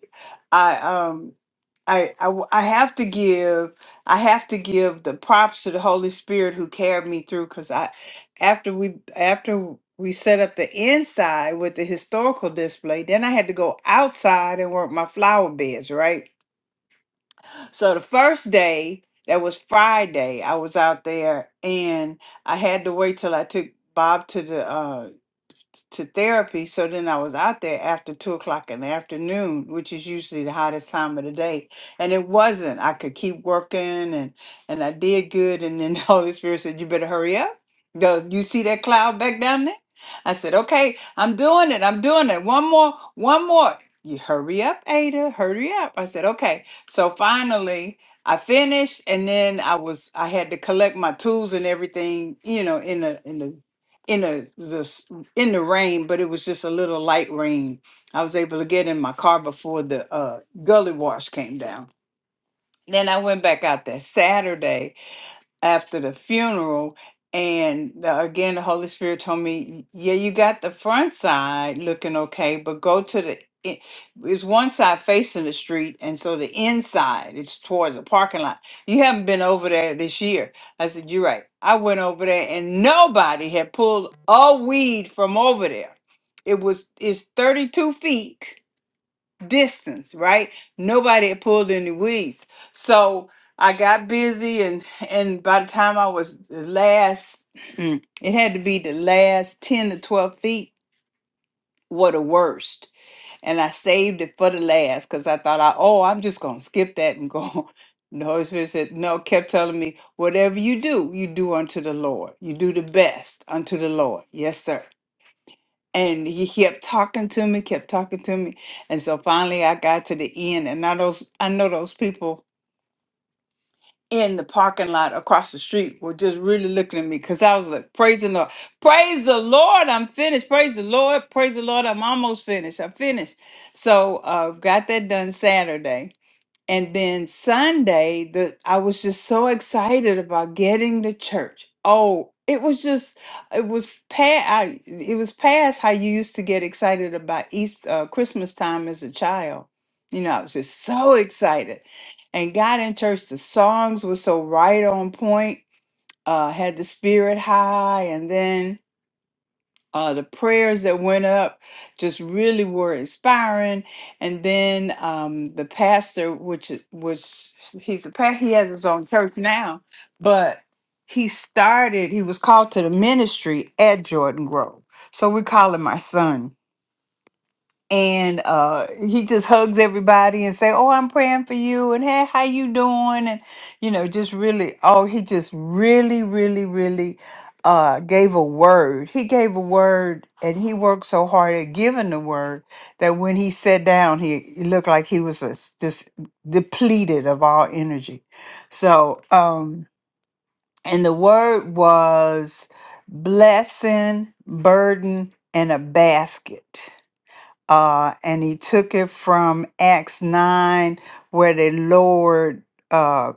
S1: I, I, um, I, I w- I have to give I have to give the props to the Holy Spirit who carried me through because I after we after we set up the inside with the historical display, then I had to go outside and work my flower beds, right? So the first day, that was Friday, I was out there and I had to wait till I took Bob to the uh, to therapy. So then I was out there after two o'clock in the afternoon, which is usually the hottest time of the day. And it wasn't. I could keep working and and I did good. And then the Holy Spirit said, You better hurry up. Do you see that cloud back down there? I said, Okay, I'm doing it. I'm doing it. One more, one more. You hurry up, Ada. Hurry up. I said, Okay. So finally I finished and then I was I had to collect my tools and everything, you know, in the in the in the, in the rain, but it was just a little light rain. I was able to get in my car before the uh, gully wash came down. Then I went back out that Saturday after the funeral and uh, again the holy spirit told me yeah you got the front side looking okay but go to the i- it's one side facing the street and so the inside it's towards the parking lot you haven't been over there this year i said you're right i went over there and nobody had pulled a weed from over there it was it's 32 feet distance, right? Nobody had pulled any weeds. So I got busy and and by the time I was the last it had to be the last 10 to 12 feet were the worst. And I saved it for the last because I thought I oh I'm just gonna skip that and go. And The Holy Spirit said, No, kept telling me, whatever you do, you do unto the Lord. You do the best unto the Lord. Yes, sir and he kept talking to me, kept talking to me. And so finally I got to the end and now those I know those people in the parking lot across the street were just really looking at me because I was like, praise the Lord. Praise the Lord, I'm finished. Praise the Lord. Praise the Lord. I'm almost finished. I'm finished. So uh got that done Saturday and then Sunday, the I was just so excited about getting to church. Oh, it was just it was past I, it was past how you used to get excited about East uh, Christmas time as a child. You know, I was just so excited, and got in church. The songs were so right on point. Uh, had the spirit high, and then uh, the prayers that went up just really were inspiring. And then um, the pastor, which is- which he's a pa- he has his own church now, but he started. He was called to the ministry at Jordan Grove, so we call him my son and uh he just hugs everybody and say oh i'm praying for you and hey how you doing and you know just really oh he just really really really uh gave a word he gave a word and he worked so hard at giving the word that when he sat down he it looked like he was just just depleted of all energy so um and the word was blessing burden and a basket uh, and he took it from Acts 9, where they lowered uh,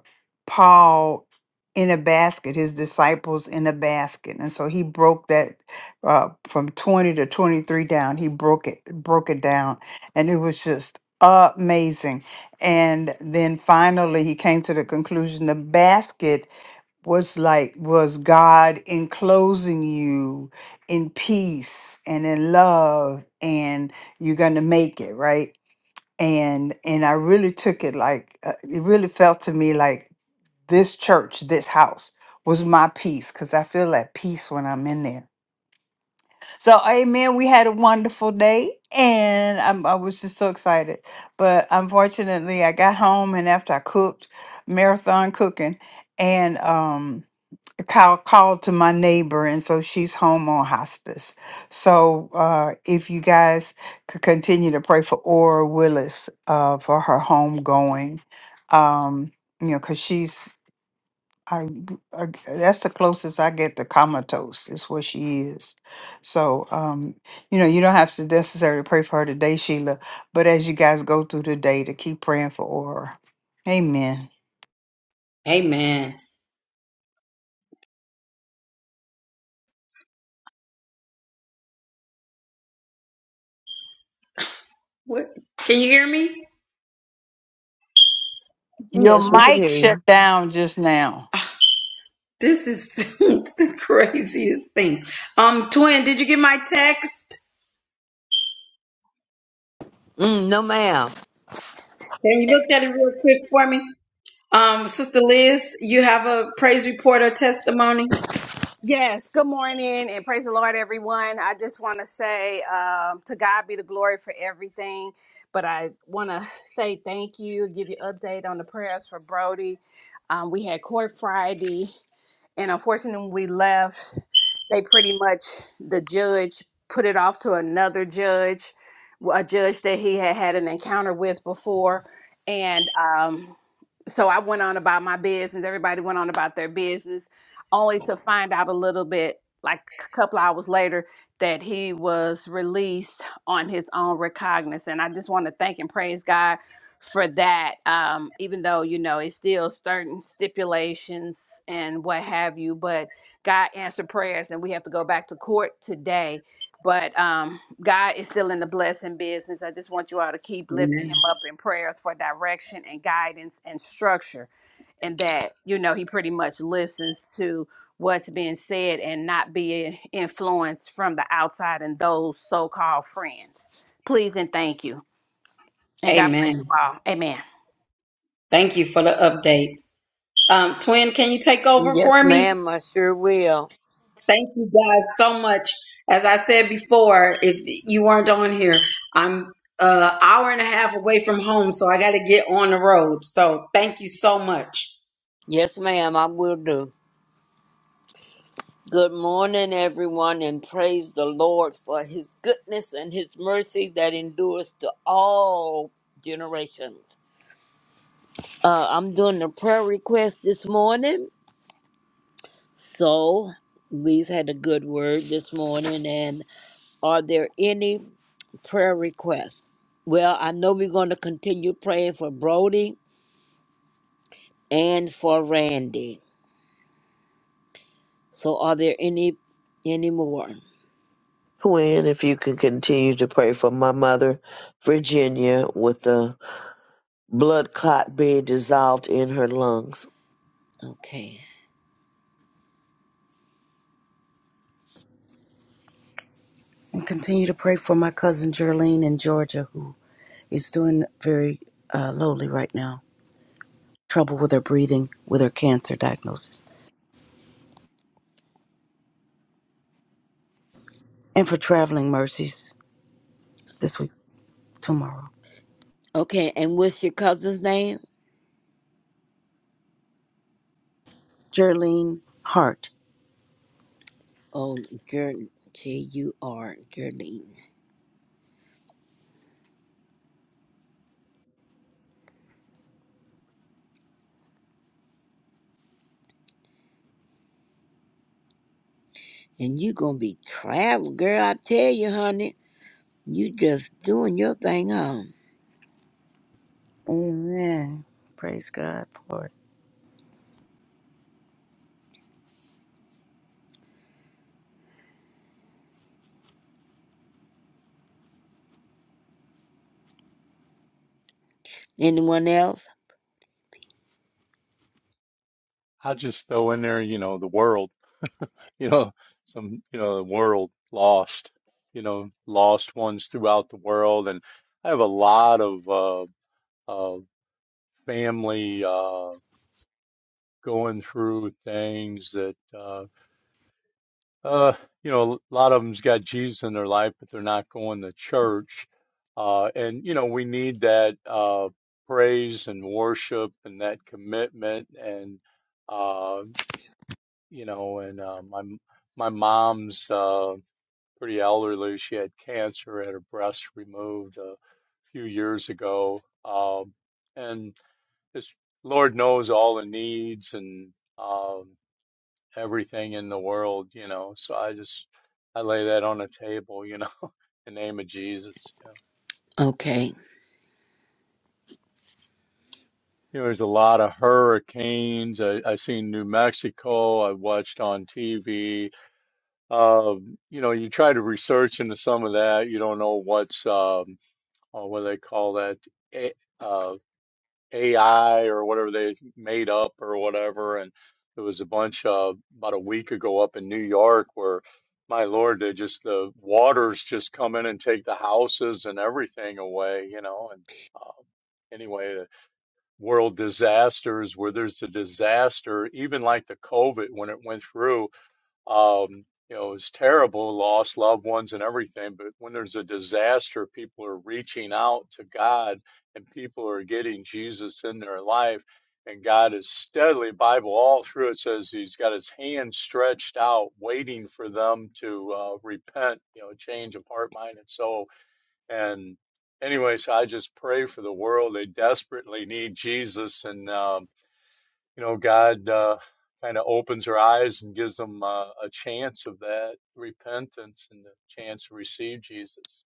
S1: Paul in a basket, his disciples in a basket. And so he broke that uh, from 20 to 23 down. He broke it, broke it down. And it was just amazing. And then finally, he came to the conclusion the basket was like was God enclosing you in peace and in love and you're going to make it, right? And and I really took it like uh, it really felt to me like this church, this house was my peace cuz I feel at peace when I'm in there. So amen, we had a wonderful day and I'm, I was just so excited. But unfortunately, I got home and after I cooked marathon cooking and um call called to my neighbor and so she's home on hospice so uh if you guys could continue to pray for Aura Willis uh for her home going um you know because she's I, I that's the closest I get to comatose is where she is so um you know you don't have to necessarily pray for her today Sheila but as you guys go through the day to keep praying for Aura amen
S4: Amen. What? Can you hear me?
S1: your
S8: Yes, we can
S1: mic
S8: hear
S1: shut
S8: you,
S1: down just now
S4: This is the craziest thing. Um, twin, did you get my text?
S10: Mm, no, ma'am.
S4: Can you look at it real quick for me? Um, Sister Liz, you have a praise report or testimony?
S11: Yes, good morning and praise the Lord, everyone. I just want to say um, to God be the glory for everything, but I want to say thank you, give you update on the prayers for Brody. Um, we had court Friday, and unfortunately, when we left, they pretty much, the judge put it off to another judge, a judge that he had had an encounter with before. And um, so I went on about my business. Everybody went on about their business only to find out a little bit like a couple hours later that he was released on his own recognizance. And I just want to thank and praise God for that. Um, even though you know it's still certain stipulations and what have you, but God answered prayers, and we have to go back to court today. But um, God is still in the blessing business. I just want you all to keep lifting
S4: Amen.
S11: him up in prayers for direction and guidance and structure and that you know he pretty much listens to what's being said and not being influenced from the outside and those so-called friends please and thank you and god bless you
S4: Amen.
S11: all amen
S4: Thank you for the update. Um, twin, can you take over for
S10: Yes,
S4: me?
S10: ma'am, I sure will.
S4: Thank you guys so much. As I said before, if you weren't on here, I'm uh hour and a half away from home, so I got to get on the road. So thank you so much.
S10: Yes, ma'am, I will do. Good morning, everyone, and praise the Lord for his goodness and his mercy that endures to all generations. Uh, I'm doing a prayer request this morning, so we've had a good word this morning. And are there any prayer requests? Well, I know we're going to continue praying for Brody and for Randy. So are there any any more?
S8: Quinn. If you can continue to pray for my mother, Virginia, with the blood clot being dissolved in her lungs.
S10: Okay.
S6: And continue to pray for my cousin Geraldine in Georgia who is doing very uh, lowly right now. trouble with her breathing with her cancer diagnosis, and for traveling mercies this week, tomorrow.
S10: Okay, and what's your cousin's name?
S6: Geraldine Hart.
S10: Oh, Jer J U R Jardine. And you gonna be traveling, girl, I tell you, honey. You just doing your thing, huh?
S6: Amen. Praise God for it.
S10: Anyone else?
S3: I just throw in there, you know, the world, you know, some, you know, the world lost, you know, lost ones throughout the world, and I have a lot of uh, uh, family uh, going through things that. uh, Uh, you know, a lot of them's got Jesus in their life, but they're not going to church. Uh, and you know, we need that uh, praise and worship and that commitment. And uh, you know, and uh, my my mom's uh, pretty elderly. She had cancer, had her breast removed a few years ago, um, and this Lord knows all the needs and. um everything in the world, you know. So I just I lay that on the table, you know, in the name of Jesus. You know,
S10: Okay.
S3: You know, there's a lot of hurricanes. I, I seen New Mexico. I watched on TV. Um, you know, you try to research into some of that. You don't know what's um, oh, what do they call that. eh, uh, AI or whatever they made up or whatever. And there was a bunch uh, about a week ago up in New York where, my Lord, they just the waters just come in and take the houses and everything away, you know. And uh, anyway, the world disasters where there's a disaster, even like the COVID when it went through. Um, you know, it's terrible, lost loved ones and everything. But when there's a disaster, people are reaching out to God and people are getting Jesus in their life. And God is steadily, Bible all through it says He's got His hand stretched out, waiting for them to uh, repent, you know, change of heart, mind, and soul. And anyway, so I just pray for the world. They desperately need Jesus. And, um, you know, God uh, kind of opens her eyes and gives them uh, a chance of that repentance and the chance to receive Jesus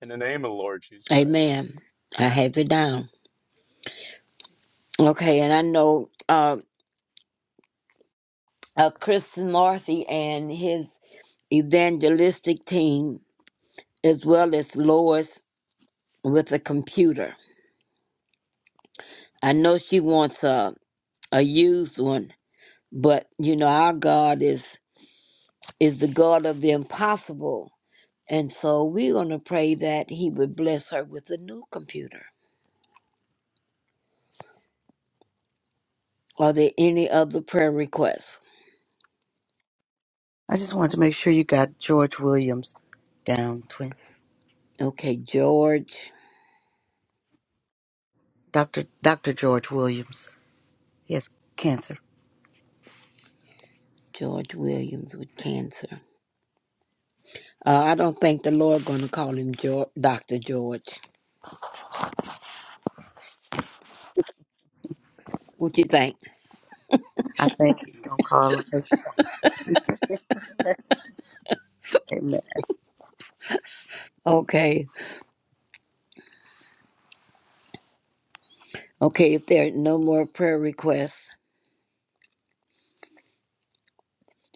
S3: in the name of the Lord Jesus Christ.
S10: Amen. I have it down. Okay, and I know uh, uh Chris Marcy and his evangelistic team as well as Lois with a computer. I know she wants a a used one, but you know our God is is the God of the impossible, and so we're going to pray that He would bless her with a new computer. Are there any other prayer requests?
S6: I just wanted to make sure you got George Williams down, twin.
S10: Okay, George,
S6: Dr. Dr. George Williams. He has cancer.
S10: George Williams with cancer. Uh, I don't think the Lord going to call him George, Doctor George. What you think?
S6: I think he's going to call us. Amen.
S10: Okay, okay. If there are no more prayer requests,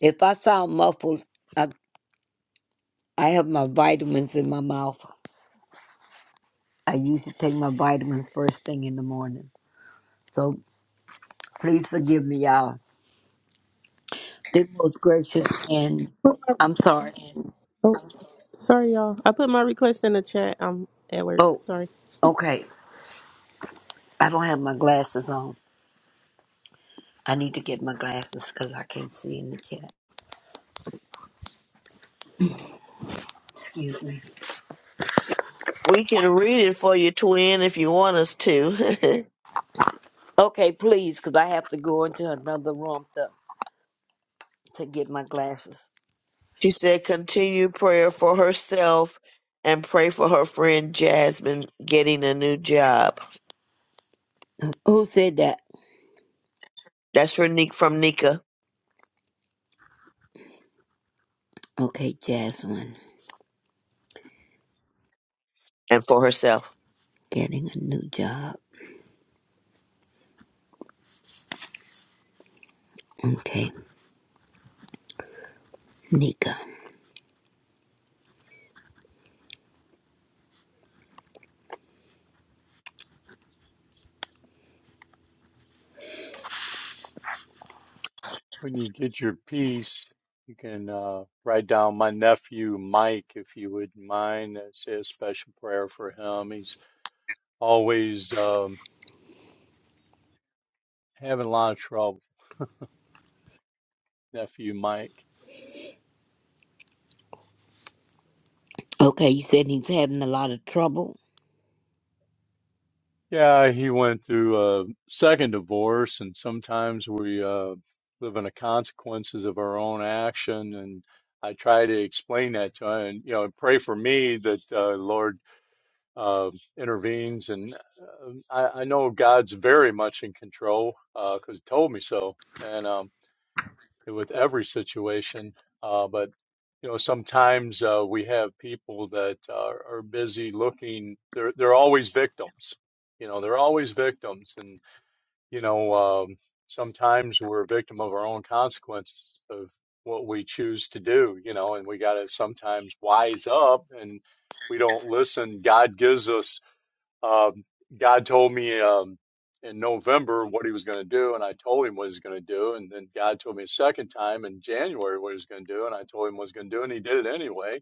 S10: if I sound muffled, I I have my vitamins in my mouth. I used to take my vitamins first thing in the morning. So please forgive me, y'all. The most gracious and
S12: Oh,
S10: I'm sorry.
S12: sorry, y'all. I put my request in the chat. I'm at work.
S10: Oh,
S12: Sorry.
S10: okay. I don't have my glasses on. I need to get my glasses because I can't see in the chat. Excuse me.
S8: We can read it for you, twin, if you want us to.
S10: Okay, please, because I have to go into another room to, to get my glasses.
S8: she said, continue prayer for herself and pray for her friend Jasmine getting a new job.
S10: Who said that?
S8: That's for Nick from Nika
S10: Okay, Jasmine.
S8: and for herself.
S10: Getting a new job. Okay, Nika.
S3: When you get your peace, you can uh, write down my nephew Mike, if you wouldn't mind. Uh, Say a special prayer for him. He's always um, having a lot of trouble, nephew Mike.
S10: Okay, you said he's having a lot of trouble.
S3: Yeah, he went through a second divorce, and sometimes we uh, live in the consequences of our own action. And I try to explain that to him, and you know, pray for me that uh, Lord uh, intervenes. And uh, I, I know God's very much in control because He told me so. And um, with every situation. Uh, but you know, sometimes uh, we have people that are, are busy looking. They're they're always victims. You know, they're always victims, and you know, um, sometimes we're a victim of our own consequences of what we choose to do, you know, and we got to sometimes wise up and we don't listen. God gives us, um, God told me, um, in November what he was going to do, and I told him what he was going to do, and then God told me a second time in January what he was going to do, and I told him what he was going to do, and he did it anyway.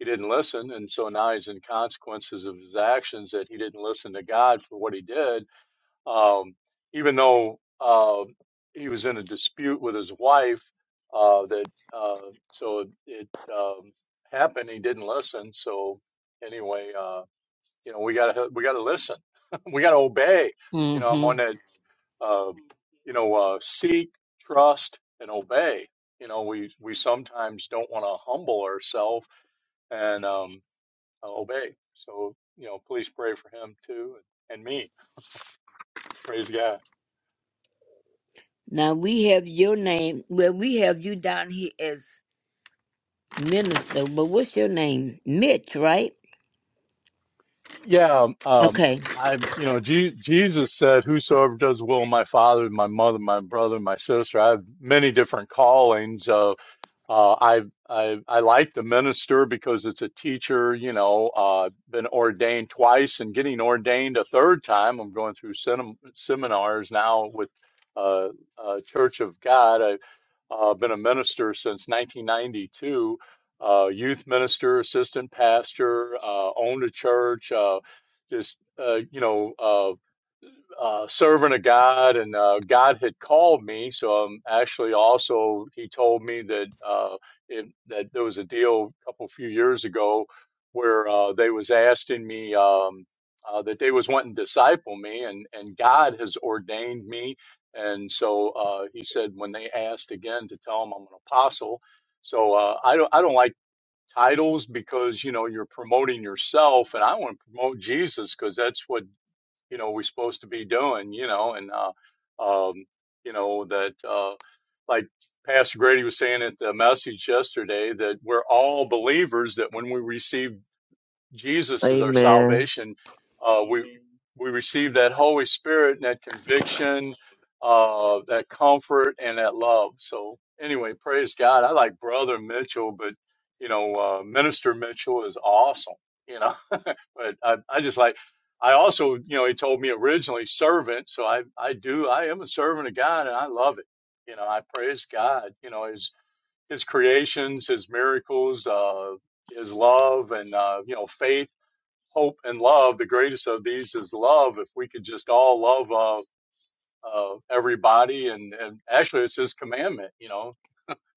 S3: He didn't listen, and so now he's in consequences of his actions that he didn't listen to God for what he did, um, even though uh, he was in a dispute with his wife. Uh, that uh, so it um, happened. He didn't listen. So anyway, uh, you know, we gotta we gotta listen. we gotta obey. You know, I'm
S10: Mm-hmm.
S3: on that. Uh, you know, uh, seek, trust, and obey. You know, we we sometimes don't want to humble ourselves and um, obey. So you know, please pray for him too and me. Praise God.
S10: Now we have your name. Well, we have you down here as minister, but what's your name? Mitch, right?
S3: Yeah, um,
S10: Okay.
S3: I, you know, Je Jesus said, "Whosoever does the will of my Father, my mother, my brother, my sister." I have many different callings. Uh, I, I I like the minister because it's a teacher, you know, uh, been ordained twice and getting ordained a third time. I'm going through semin- seminars now with uh, uh, Church of God. I've uh, been a minister since 1992, uh, youth minister, assistant pastor, uh, owned a church, uh, just, uh, you know, uh, uh, servant of God, and uh, God had called me. So um, actually, also he told me that uh, it, that there was a deal a couple few years ago where uh, they was asking me um, uh, that they was wanting to disciple me, and and God has ordained me. And so uh, he said when they asked again to tell him I'm an apostle. So uh, I don't I don't like titles because you know you're promoting yourself, and I want to promote Jesus because that's what you know we're supposed to be doing you know and uh, um, you know that uh, like pastor grady was saying at the message yesterday that we're all believers that when we receive jesus as our
S8: Amen.
S3: salvation uh, we we receive that holy spirit and that conviction uh, that comfort and that love so anyway praise god i like brother mitchell but you know uh, minister mitchell is awesome You know. But I, I just like, I also, you know, he told me originally servant. So I, I do, I am a servant of God and I love it. You know, I praise God, you know, his, his creations, his miracles, uh, his love and, uh, you know, faith, hope and love. The greatest of these is love. If we could just all love, uh, uh, everybody and, and actually it's his commandment, you know?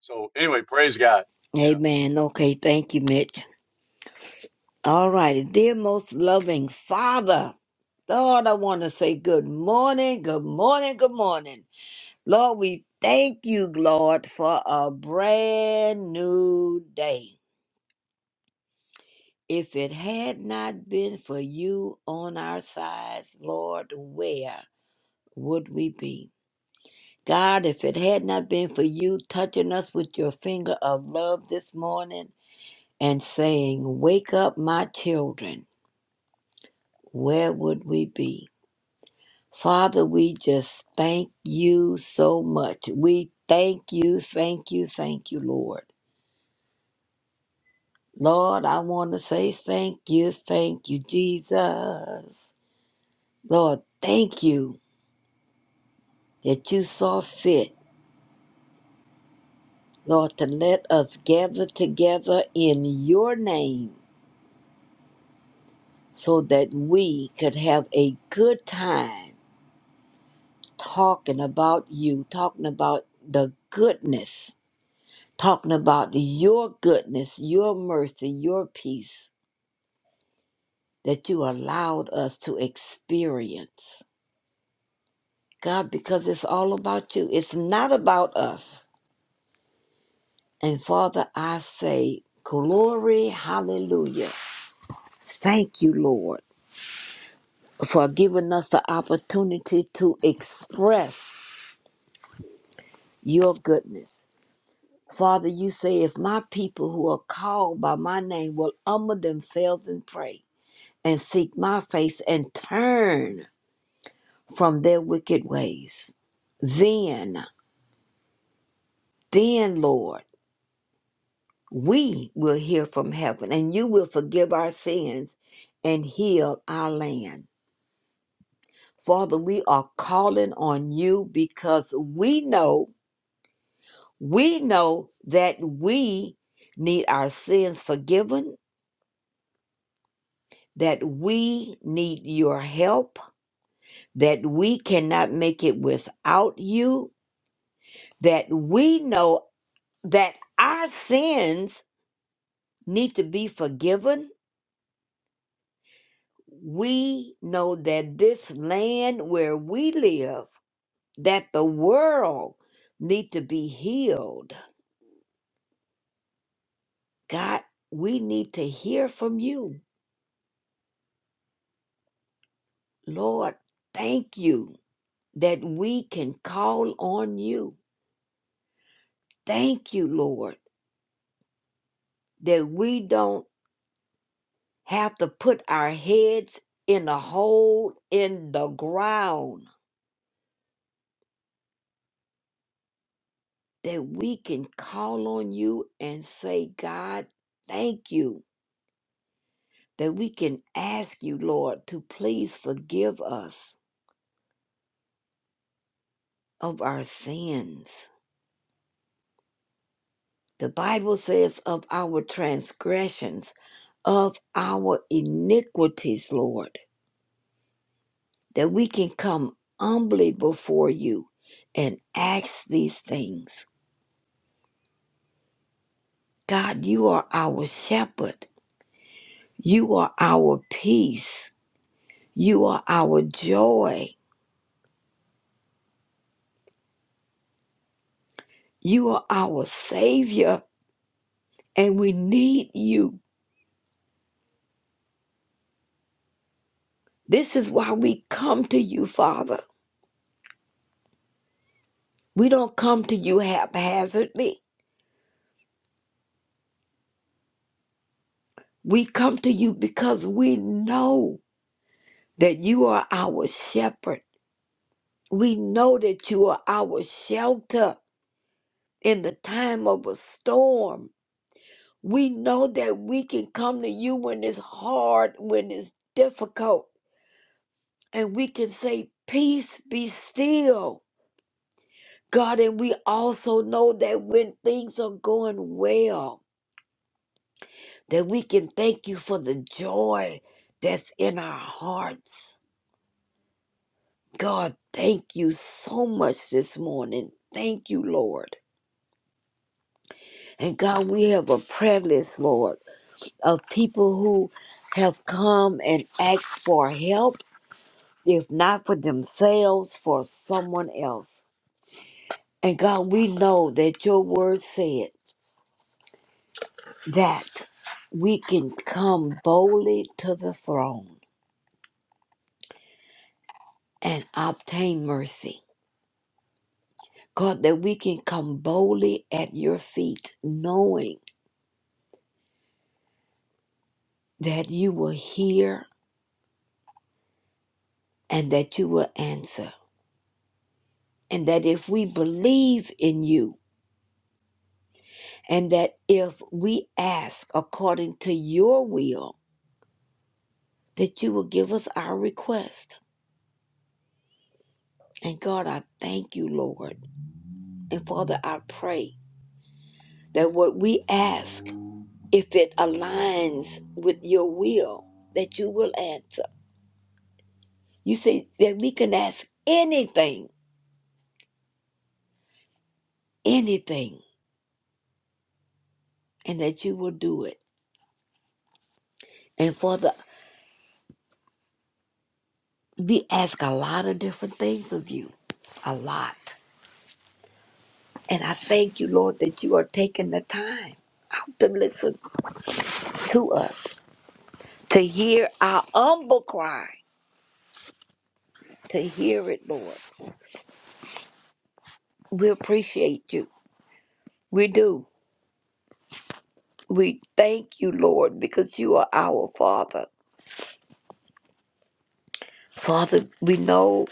S3: So anyway, praise God. Yeah.
S10: Amen. Okay. Thank you, Mitch. All righty. Dear most loving Father, Lord, I want to say good morning, good morning, good morning. Lord, we thank you, Lord, for a brand new day. If it had not been for you on our sides, Lord, where would we be? God, if it had not been for you touching us with your finger of love this morning and saying, Wake up, my children, where would we be? Father, we just thank you so much. We thank you, thank you, thank you, Lord. Lord, I want to say thank you, thank you, Jesus. Lord, thank you that you saw fit, Lord, to let us gather together in your name so that we could have a good time talking about you, talking about the goodness, talking about your goodness, your mercy, your peace that you allowed us to experience. God, because it's all about you, it's not about us. And Father, I say, glory, hallelujah. Thank you, Lord, for giving us the opportunity to express your goodness Father, you say, if my people who are called by my name will humble themselves and pray and seek my face and turn from their wicked ways, then, then, Lord, we will hear from heaven and you will forgive our sins and heal our land. Father, we are calling on you because we know, we know that we need our sins forgiven that we need your help, that we cannot make it without you, that we know that our sins need to be forgiven. We know that this land where we live, that the world need to be healed. God, we need to hear from you. Lord, thank you that we can call on you. Thank you, Lord, that we don't have to put our heads in a hole in the ground that we can call on you and say, God, thank you. That we can ask you, Lord, to please forgive us of our sins. The Bible says, of our transgressions, of our iniquities, Lord, that we can come humbly before you and ask these things. God, you are our shepherd You are our peace. You are our joy. You are our Savior, and we need you. This is why we come to you, Father. We don't come to you haphazardly. We come to you because we know that you are our shepherd. We know that you are our shelter in the time of a storm. We know that we can come to you when it's hard, when it's difficult and we can say, Peace be still. God, and we also know that when things are going well, that we can thank you for the joy that's in our hearts. God, thank you so much this morning. Thank you, Lord. And God, we have a prayer list, Lord, of people who have come and asked for help, if not for themselves, for someone else. And God, we know that your word said that we can come boldly to the throne and obtain mercy. God, that we can come boldly at your feet, knowing that you will hear and that you will answer. And that if we believe in you, and that if we ask according to your will, that you will give us our request. And God, I thank you, Lord. And Father, I pray that what we ask. if it aligns with your will that you will answer. You say that we can ask anything, anything, and that you will do it. And for the we ask a lot of different things of you. A lot. And I thank you, Lord, that you are taking the time out to listen to us, to hear our humble cry, to hear it, Lord. We appreciate you. We do. We thank you, Lord, because you are our Father Father, we know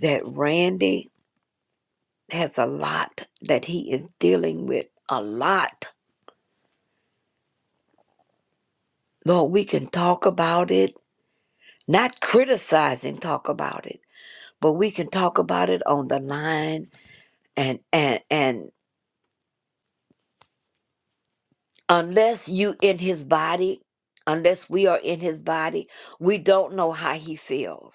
S10: that Randy has a lot that he is dealing with, a lot. Lord, we can talk about it, not criticize and talk about it, but we can talk about it on the line and and and unless you in his body, unless we are in his body, we don't know how he feels.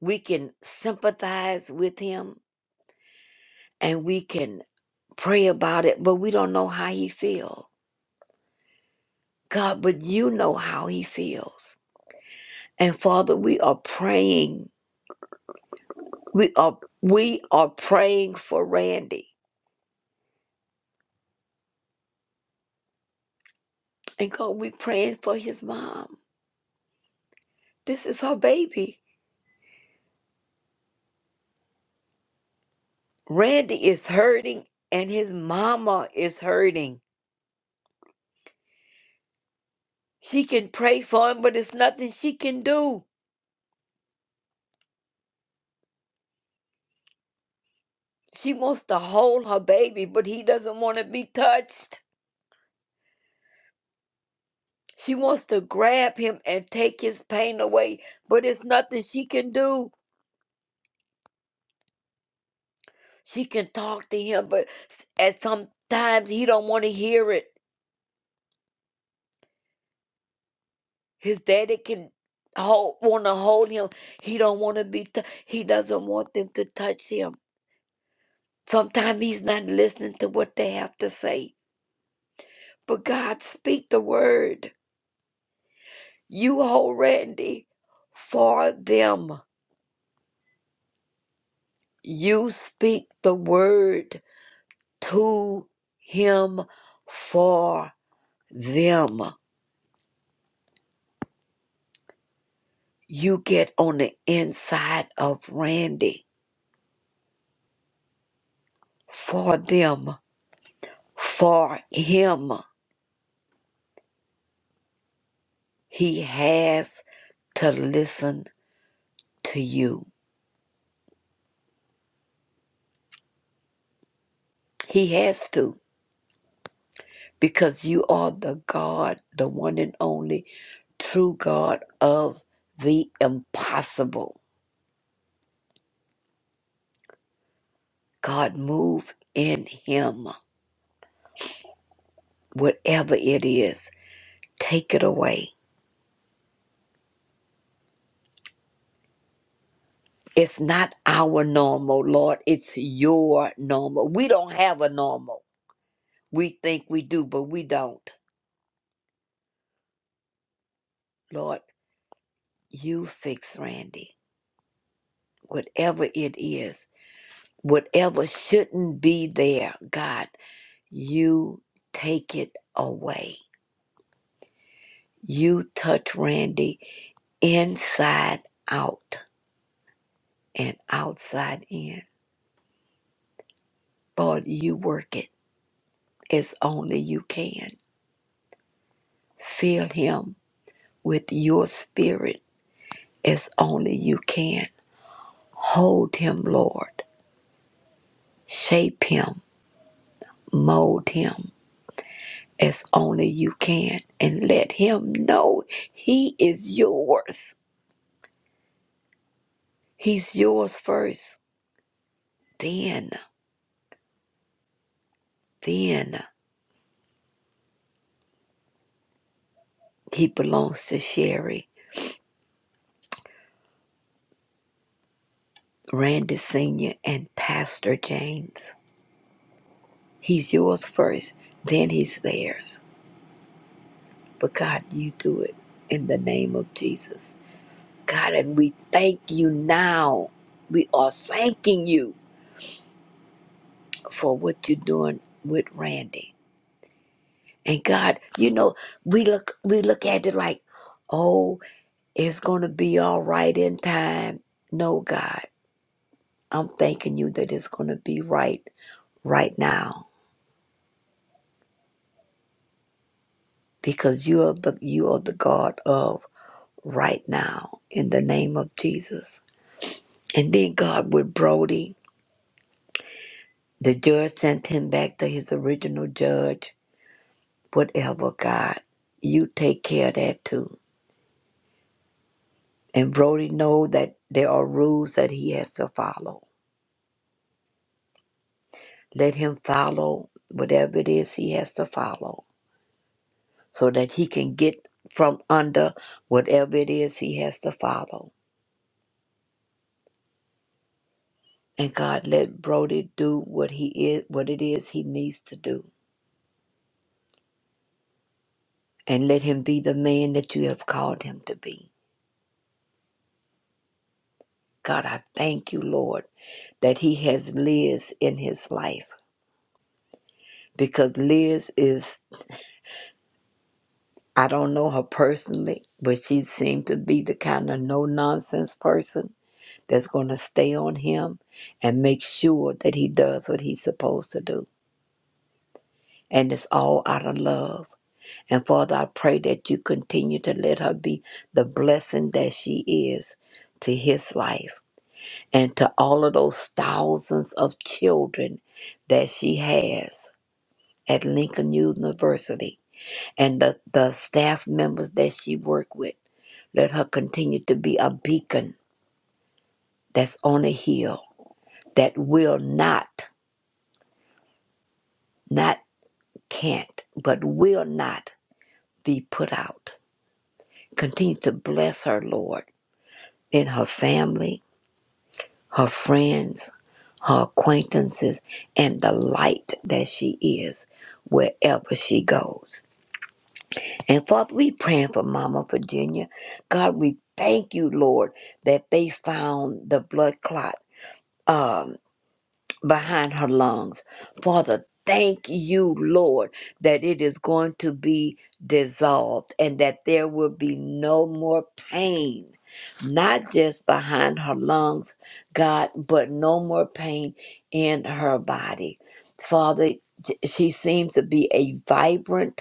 S10: We can sympathize with him and we can pray about it, but we don't know how he feels. God, but you know how he feels. And Father, we are praying. We are we are praying for Randy. And God, we praying for his mom. This is her baby. Randy is hurting and his mama is hurting. She can pray for him, but it's nothing she can do. She wants to hold her baby, but he doesn't want to be touched. She wants to grab him and take his pain away, but it's nothing she can do. She can talk to him, but s- at sometimes he don't want to hear it. His daddy can hold want to hold him. He don't want to be. T- he doesn't want them to touch him. Sometimes he's not listening to what they have to say. But God, speak the word. You hold Randy for them. You speak the word to him for them. You get on the inside of Randy for them, for him. He has to listen to you. He has to, because you are the God, the one and only true God of the impossible. God, move in him, whatever it is, take it away. It's not our normal, Lord. It's your normal. We don't have a normal. We think we do, but we don't. Lord, you fix Randy. whatever it is, whatever shouldn't be there, God, you take it away. You touch Randy inside out and outside in. Lord, you work it as only you can. Fill him with your spirit as only you can. Hold him, Lord. Shape him, mold him as only you can and let him know he is yours. He's yours first. Then, then he belongs to Sherry, Randy Sr., and Pastor James. He's yours first, then he's theirs. But God, you do it in the name of Jesus. God, and we thank you now. We are thanking you for what you're doing with Randy. And God, you know, we look we look at it like, oh, it's gonna be all right in time. No, God, I'm thanking you that it's gonna be right right now. Because you are the you are the God of right now in the name of Jesus. And then God with Brody, the judge sent him back to his original judge. Whatever, God, you take care of that too. And Brody know that there are rules that he has to follow Let him follow whatever it is he has to follow so that he can get from under whatever it is he has to follow. And God, let Brody do what he is, what it is he needs to do, and let him be the man that you have called him to be. God, I thank you, Lord, that he has Liz in his life because Liz is, I don't know her personally, but she seemed to be the kind of no nonsense person that's going to stay on him and make sure that he does what he's supposed to do. And it's all out of love. And Father, I pray that you continue to let her be the blessing that she is to his life and to all of those thousands of children that she has at Lincoln University and the, the staff members that she work with. Let her continue to be a beacon that's on a hill that will not, not can't but will not be put out. Continue to bless her, Lord, in her family, her friends, her acquaintances, and the light that she is wherever she goes. And Father, we praying for Mama Virginia. God, we thank you, Lord, that they found the blood clot. uh, behind her lungs. Father, thank you, Lord, that it is going to be dissolved and that there will be no more pain, not just behind her lungs, God, but no more pain in her body. Father, j- she seems to be a vibrant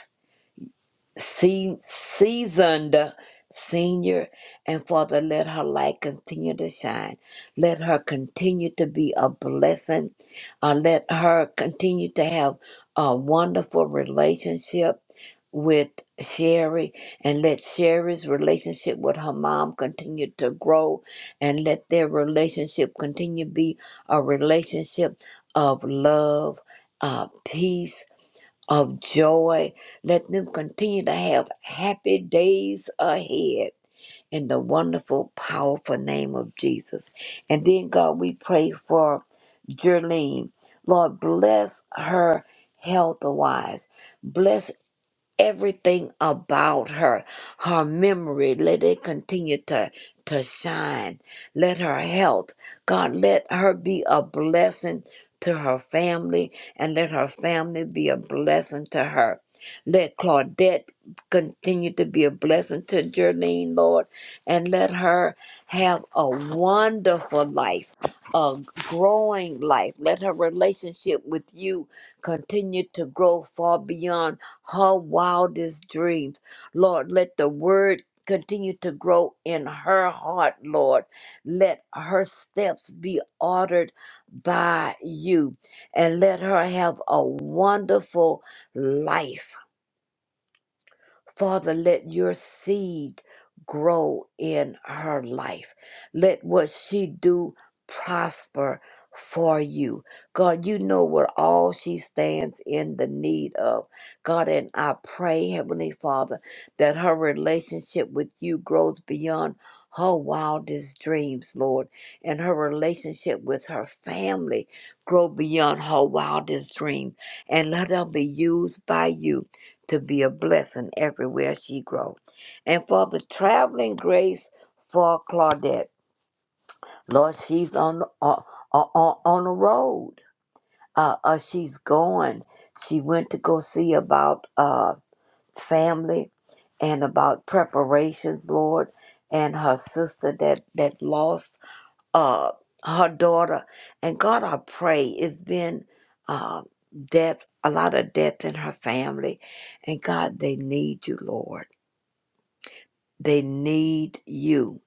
S10: se- seasoned senior. And Father, let her light continue to shine. Let her continue to be a blessing. Uh, let her continue to have a wonderful relationship with Sherry and let Sherry's relationship with her mom continue to grow and let their relationship continue to be a relationship of love, uh, peace of joy. Let them continue to have happy days ahead in the wonderful, powerful name of Jesus. And then, God, we pray for Jerlene. Lord, bless her health wise. Bless everything about her her memory let it continue to to shine let her health god let her be a blessing to her family and let her family be a blessing to her let claudette continue to be a blessing to Jerlene, lord and let her have a wonderful life a growing life let her relationship with you continue to grow far beyond her wildest dreams. Lord, let the word continue to grow in her heart, Lord. Let her steps be ordered by you and let her have a wonderful life Father, let your seed grow in her life. Let what she do prosper for you. God, you know what all she stands in the need of. God, and I pray, Heavenly Father, that her relationship with you grows beyond her wildest dreams, Lord, and her relationship with her family grow beyond her wildest dream. And let her be used by you to be a blessing everywhere she grows. And for the traveling grace for Claudette, Lord, she's on the, on, on, on the road. Uh, uh, she's going. She went to go see about uh, family and about preparations, Lord, and her sister that, that lost uh, her daughter. And God, I pray, it's been uh, death, a lot of death in her family. And God, they need you, Lord. They need you.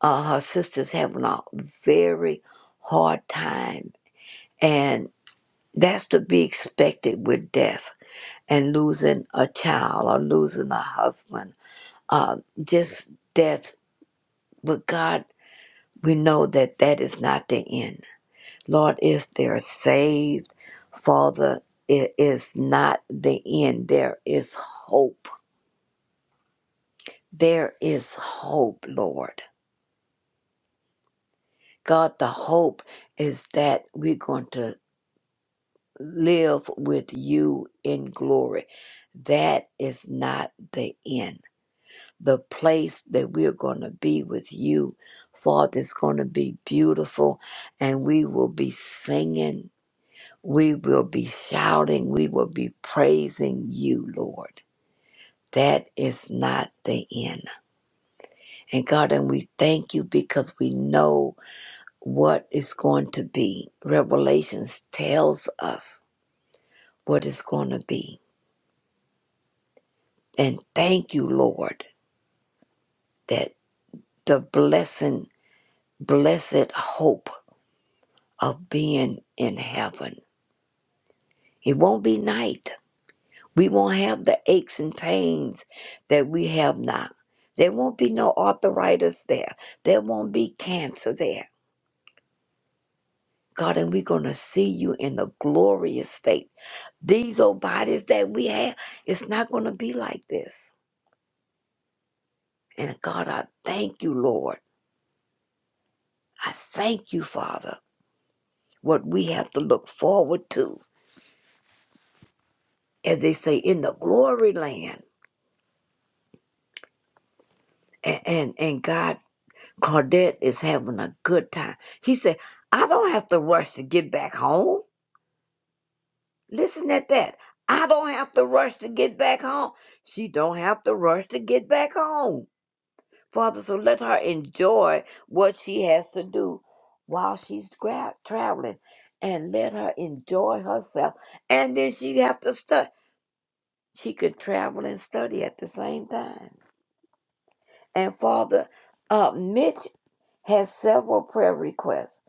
S10: Uh, her sister's having a very hard time, and that's to be expected with death and losing a child or losing a husband. Uh, just death. But God, we know that that is not the end. Lord, if they're saved, Father, it is not the end. There is hope. There is hope, Lord. God, the hope is that we're going to live with you in glory. That is not the end. The place that we're going to be with you, Father, is going to be beautiful, and we will be singing, we will be shouting, we will be praising you, Lord. That is not the end. And God, and we thank you because we know what is going to be. Revelations tells us what is going to be. And thank you, Lord, that the blessing, blessed hope of being in heaven. It won't be night. We won't have the aches and pains that we have now. There won't be no arthritis there. There won't be cancer there. God, and we're going to see you in the glorious state. These old bodies that we have, it's not going to be like this And God, I thank you, Lord. I thank you, Father, what we have to look forward to, as they say, in the glory land. And, and, and God, Claudette is having a good time. She said, I don't have to rush to get back home. Listen at that. I don't have to rush to get back home. She don't have to rush to get back home. Father, so let her enjoy what she has to do while she's gra- traveling and let her enjoy herself. And then she have to study. She could travel and study at the same time. And Father, uh, Mitch has several prayer requests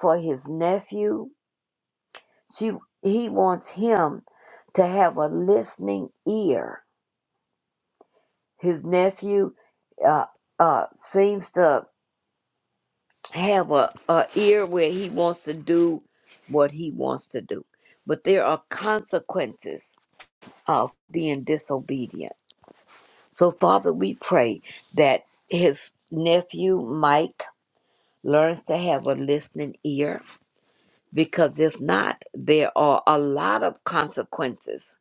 S10: for his nephew. She, he wants him to have a listening ear. His nephew uh, uh, seems to have a, a ear where he wants to do what he wants to do. But there are consequences of being disobedient. So, Father, we pray that his nephew Mike learns to have a listening ear because if not, there are a lot of consequences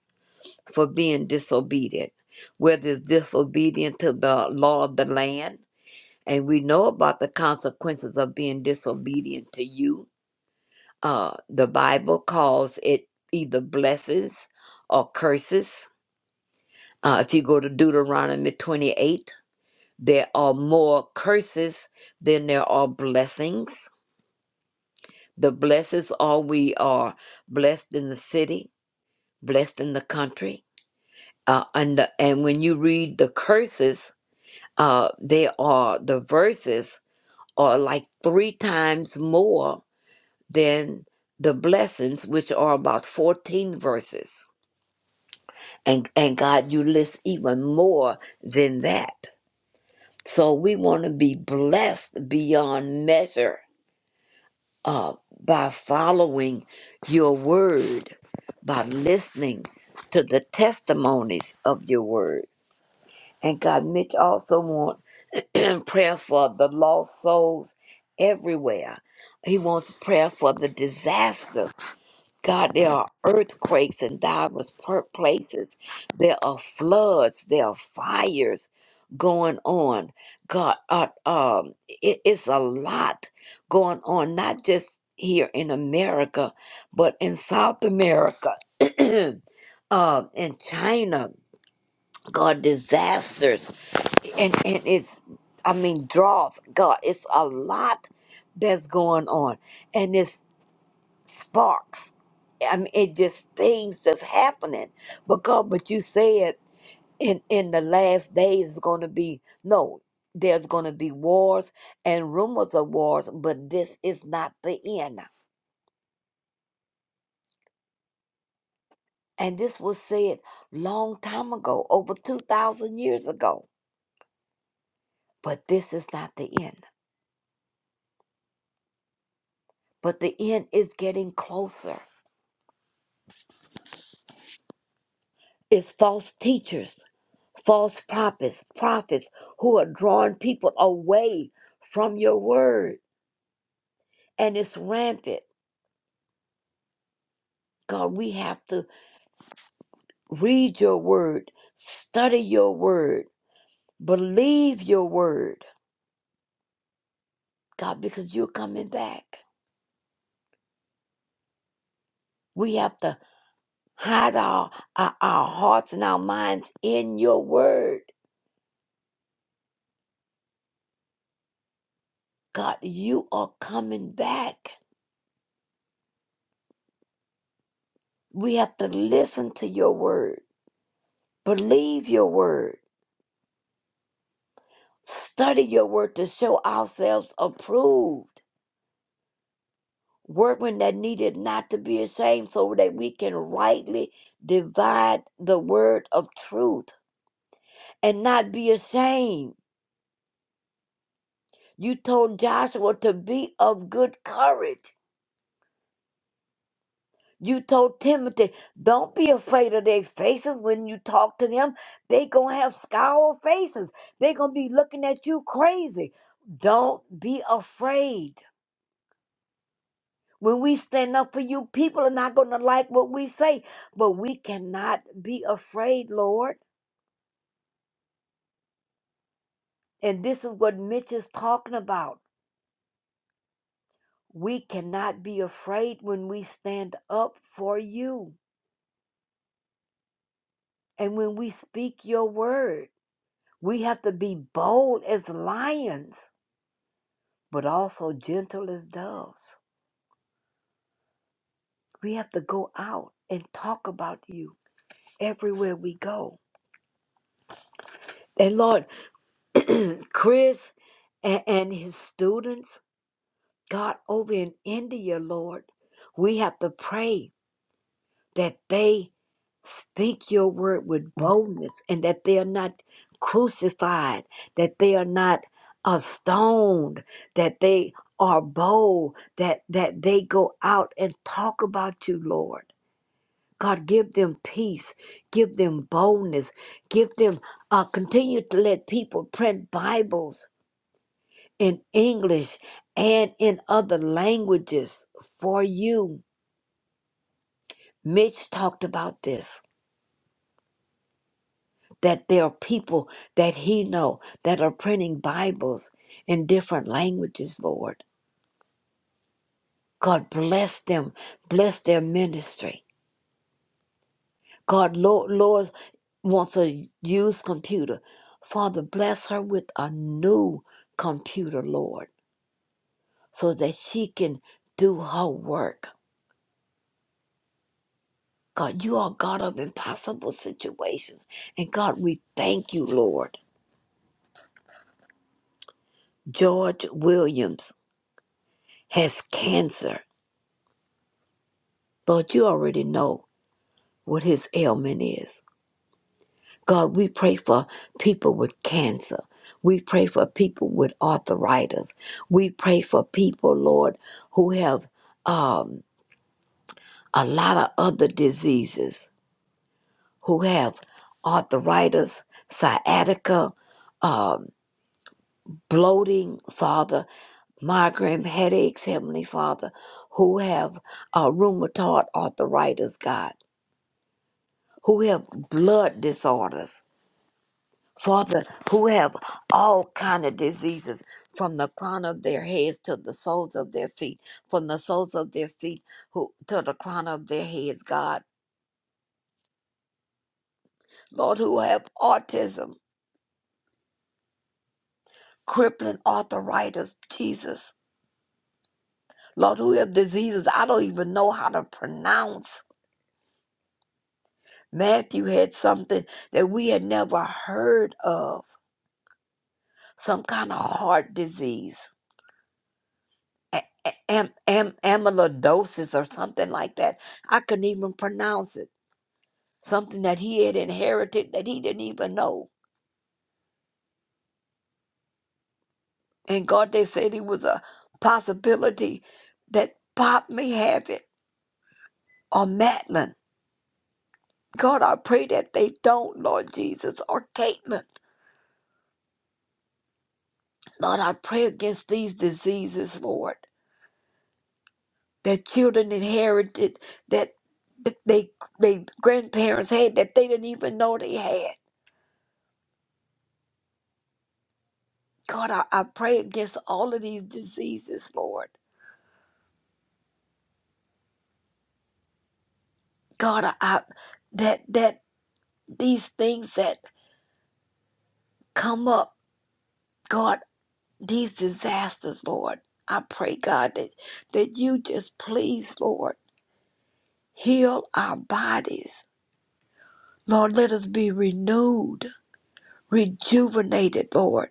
S10: for being disobedient, whether it's disobedient to the law of the land. And we know about the consequences of being disobedient to you Uh, the Bible calls it either blessings or curses. Uh, if you go to Deuteronomy 28, there are more curses than there are blessings. The blessings are we are blessed in the city, blessed in the country. Uh, and, the, and when you read the curses, uh, they are the verses are like three times more than the blessings, which are about 14 verses. And, and God, you list even more than that. So we want to be blessed beyond measure uh, by following your word, by listening to the testimonies of your word. And God, Mitch also wants prayer for the lost souls everywhere. He wants prayer for the disasters God, there are earthquakes in diverse per- places. There are floods. There are fires going on. God, uh, um, it- it's a lot going on, not just here in America, but in South America, um, in China. God, disasters, and and it's, I mean, drought. God, it's a lot that's going on, and it's sparks. I mean, it just things that's happening because, but you said in in the last days is going to be no, there's going to be wars and rumors of wars, but this is not the end. And this was said long time ago, over two thousand years ago. But this is not the end. But the end is getting closer. It's false teachers, false prophets, prophets who are drawing people away from your word and it's rampant. God, we have to read your word, study your word, believe your word, God, because you're coming back. We have to hide our, our, our hearts and our minds in your word. God, you are coming back. We have to listen to your word, believe your word, study your word to show ourselves approved workmen that needed not to be ashamed, so that we can rightly divide the word of truth and not be ashamed. You told Joshua to be of good courage. You told Timothy, don't be afraid of their faces when you talk to them. They gonna have scowl faces. They gonna be looking at you crazy. Don't be afraid. When we stand up for you, people are not gonna like what we say, but we cannot be afraid, Lord. And this is what Mitch is talking about. We cannot be afraid when we stand up for you and when we speak your word. We have to be bold as lions, but also gentle as doves. We have to go out and talk about you everywhere we go. And Lord, Chris and, and his students, God, over in India, Lord, we have to pray that they speak your word with boldness and that they are not crucified, that they are not uh, stoned, that they are bold, that, that they go out and talk about you, Lord. God, give them peace, give them boldness, give them, uh, continue to let people print Bibles in English and in other languages for you. Mitch talked about this that there are people that he know that are printing Bibles in different languages, Lord. God bless them, bless their ministry. God, Lord, Lord wants a used computer. Father, bless her with a new computer, Lord, so that she can do her work. God, you are God of impossible situations. And God, we thank you, Lord. George Williams has cancer. Lord, you already know. what his ailment is. God, we pray for people with cancer. We pray for people with arthritis. We pray for people, Lord, who have um, a lot of other diseases, who have arthritis, sciatica, um, bloating, Father, migraine headaches, Heavenly Father, who have uh, rheumatoid arthritis, God, who have blood disorders Father, who have all kind of diseases from the crown of their heads to the soles of their feet, from the soles of their feet who, to the crown of their heads, God. Lord, who have autism, crippling arthritis, Jesus. Lord, who have diseases I don't even know how to pronounce. Matthew had something that we had never heard of, some kind of heart disease. a- a- am, am, amyloidosis or something like that. I couldn't even pronounce it. Something that he had inherited that he didn't even know. And God, they said it was a possibility that Pop may have it or Madeline. God, I pray that they don't, Lord Jesus, or Caitlin. Lord, I pray against these diseases, Lord, that children inherited that th- they they grandparents had that they didn't even know they had. God, I, I pray against all of these diseases, Lord. God, I, I that that these things that come up, God, these disasters, Lord. I pray, God, that that you just please, Lord, heal our bodies. Lord, let us be renewed, rejuvenated, Lord.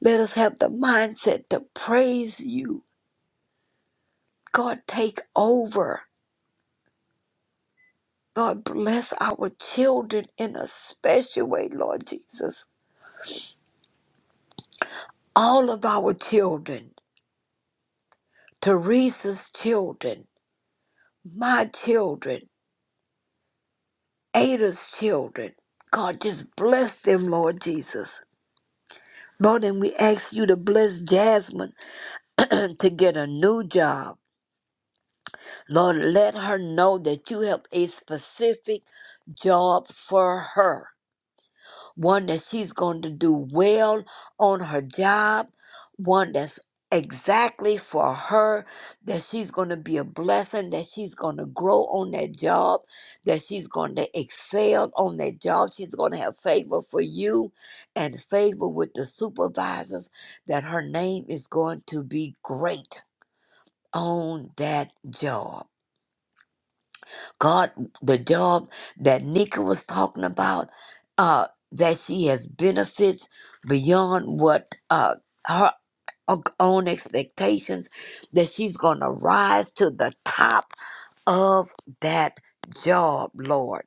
S10: Let us have the mindset to praise you. God, take over. God, bless our children in a special way, Lord Jesus. all of our children, Teresa's children, my children, Ada's children. God, just bless them, Lord Jesus. Lord, and we ask you to bless Jasmine to get a new job. Lord, let her know that you have a specific job for her. one that she's going to do well on her job, one that's exactly for her, that she's going to be a blessing, that she's going to grow on that job, that she's going to excel on that job. She's going to have favor for you and favor with the supervisors, that her name is going to be great on that job. God, the job that Nika was talking about, uh, that she has benefits beyond what uh, her o- own expectations, that she's going to rise to the top of that job, Lord.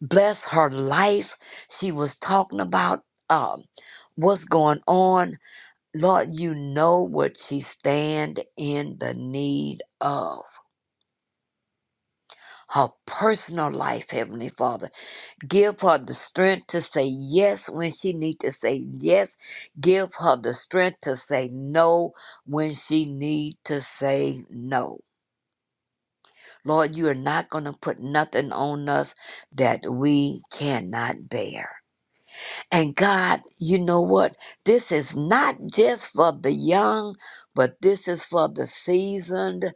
S10: Bless her life. She was talking about um, what's going on. Lord, you know what she stand in the need of. Her personal life, Heavenly Father Give her the strength to say yes when she needs to say yes. Give her the strength to say no when she needs to say no. Lord, you are not going to put nothing on us that we cannot bear. And God, you know what? This is not just for the young, but this is for the seasoned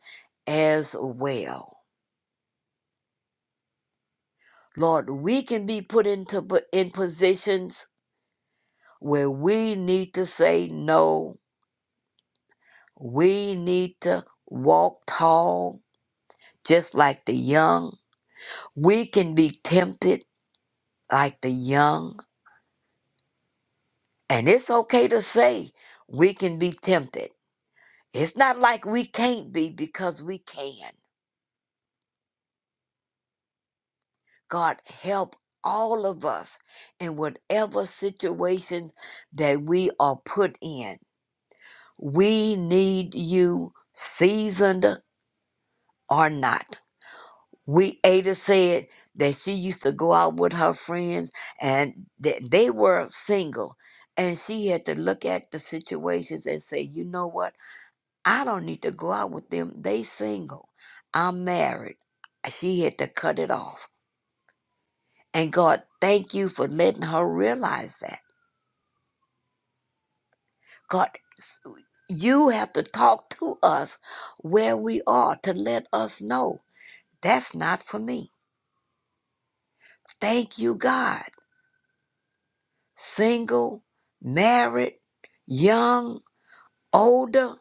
S10: as well. Lord, we can be put into in positions where we need to say no. We need to walk tall, just like the young. We can be tempted like the young. And it's okay to say we can be tempted. It's not like we can't be because we can. God, help all of us in whatever situation that we are put in. We need you, seasoned or not. We Ada said that she used to go out with her friends and that they were single. And she had to look at the situations and say, you know what? I don't need to go out with them. They single. I'm married. She had to cut it off. And God, thank you for letting her realize that. God, you have to talk to us where we are to let us know that's not for me. Thank you, God. single, married, young, older.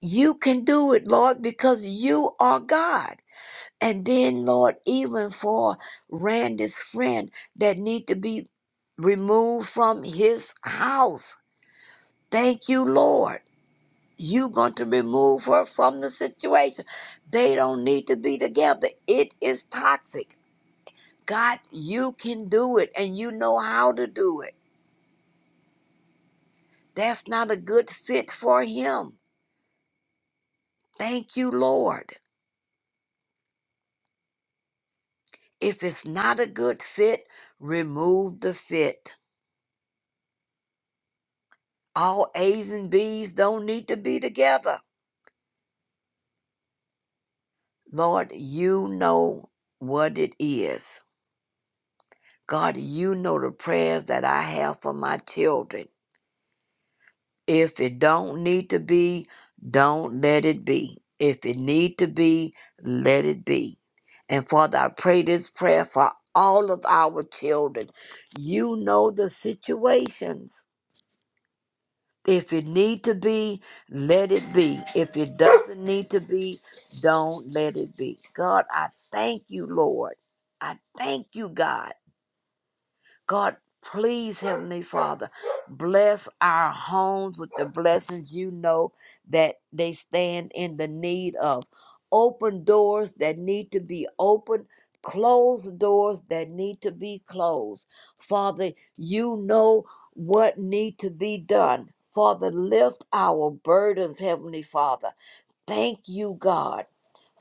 S10: You can do it, Lord, because you are God. And then, Lord, even for Randy's friend that need to be removed from his house. Thank you, Lord. You going to remove her from the situation. They don't need to be together. It is toxic. God, you can do it and you know how to do it. That's not a good fit for him. Thank you, Lord. If it's not a good fit, remove the fit. All A's and B's don't need to be together. Lord, you know what it is. God, you know the prayers that I have for my children. If it don't need to be, don't let it be. If it need to be, let it be. And Father, I pray this prayer for all of our children. You know the situations. If it need to be, let it be. If it doesn't need to be, don't let it be. God, I thank you, Lord. I thank you, God. God, please, Heavenly Father, bless our homes with the blessings you know that they stand in the need of. Open doors that need to be opened, close doors that need to be closed. Father, you know what need to be done. Father, lift our burdens, Heavenly Father. Thank you, God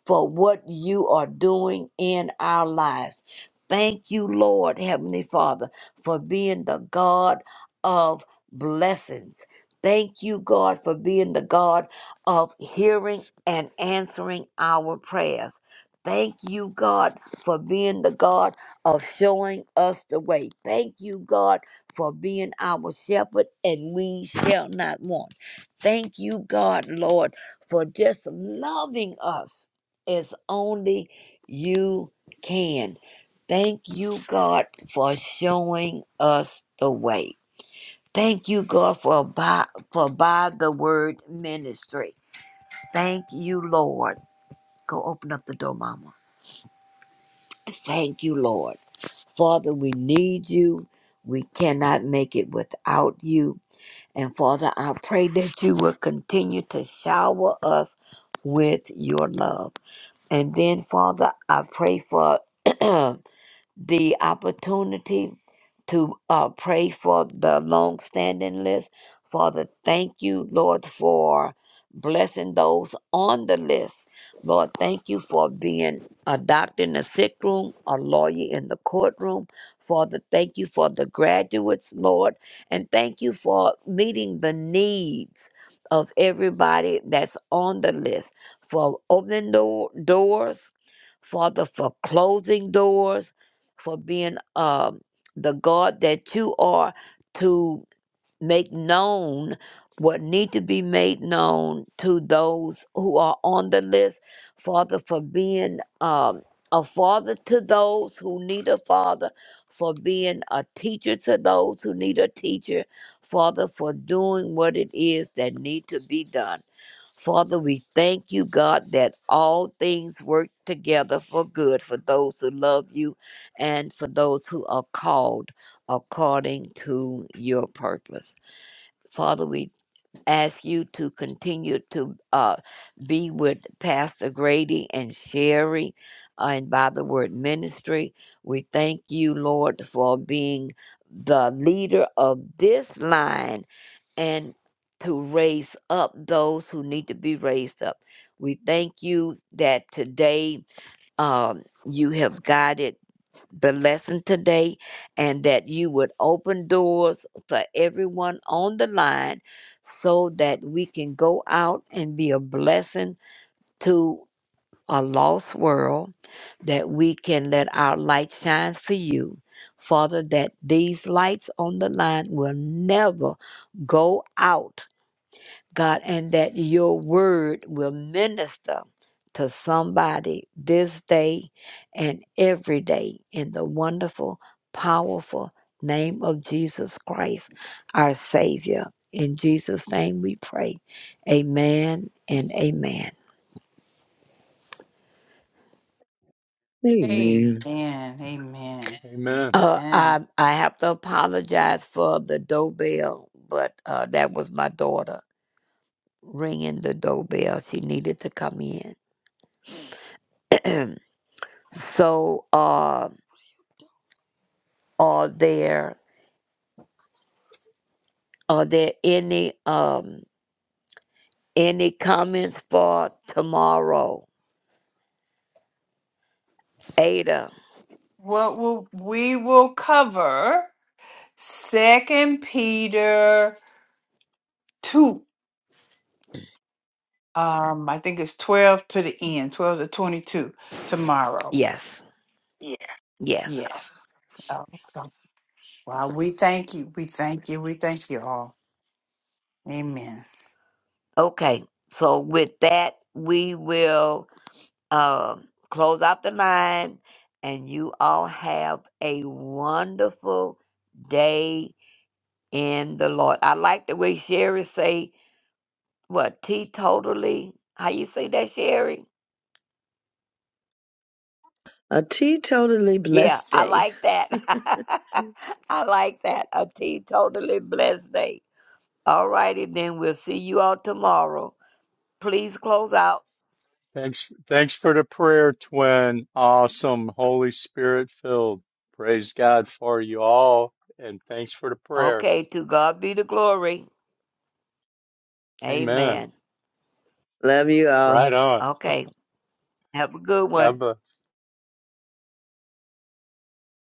S10: for what you are doing in our lives. Thank you, Lord, Heavenly Father, for being the God of blessings. Thank you, God, for being the God of hearing and answering our prayers. Thank you, God, for being the God of showing us the way. Thank you, God, for being our shepherd, and we shall not want. Thank you, God, Lord, for just loving us as only you can. Thank you, God, for showing us the way. Thank you, God, for by, for by the word ministry. Thank you, Lord. Go open up the door, Mama. Thank you, Lord. Father, we need you. We cannot make it without you. And Father, I pray that you will continue to shower us with your love. And then, Father, I pray for the opportunity to uh, pray for the long standing list. Father, thank you, Lord, for blessing those on the list. Lord, thank you for being a doctor in the sick room, a lawyer in the courtroom. Father, thank you for the graduates, Lord, and thank you for meeting the needs of everybody that's on the list, for opening door- doors, Father, for closing doors for being um, the God that you are to make known what need to be made known to those who are on the list. Father, for being um, a father to those who need a father, for being a teacher to those who need a teacher. Father, for doing what it is that need to be done. Father, we thank you, God, that all things work together for good for those who love you and for those who are called according to your purpose. Father, we ask you to continue to uh, be with Pastor Grady and Sherry uh, and by the word ministry. We thank you, Lord, for being the leader of this line and to raise up those who need to be raised up. We thank you that today um, you have guided the lesson today and that you would open doors for everyone on the line so that we can go out and be a blessing to a lost world, that we can let our light shine for you. Father, that these lights on the line will never go out God, and that your word will minister to somebody this day and every day in the wonderful, powerful name of Jesus Christ, our Savior. In Jesus' name we pray. Amen and amen.
S1: Amen.
S8: Amen.
S1: Amen.
S3: Amen.
S10: Uh,
S1: Amen.
S10: I, I have to apologize for the doorbell, but uh, that was my daughter ringing the doorbell. She needed to come in. so, uh, are there Are there any um any comments for tomorrow? Ada.
S1: What will we will cover Second Peter two. Um, I think it's twelve to the end, twelve to twenty-two tomorrow.
S10: Yes. Yeah. Yes.
S1: Yes. Oh, so, well, we thank you. We thank you. We thank you all. Amen.
S10: Okay. So with that, we will um close out the line and you all have a wonderful day in the Lord. I like the way Sherry say what teetotally. How you say that, Sherry?
S8: A teetotally
S10: Yeah,
S8: blessed
S10: I
S8: day.
S10: like that. I like that. A teetotally blessed day. All righty, then we'll see you all tomorrow. Please close out.
S3: Thanks, thanks for the prayer, twin. Awesome, Holy Spirit filled. Praise God for you all, and thanks for the prayer.
S10: Okay, to God be the glory.
S3: Amen.
S10: Amen.
S8: Love you all.
S3: Right on.
S10: Okay, have a good one.
S3: God bless.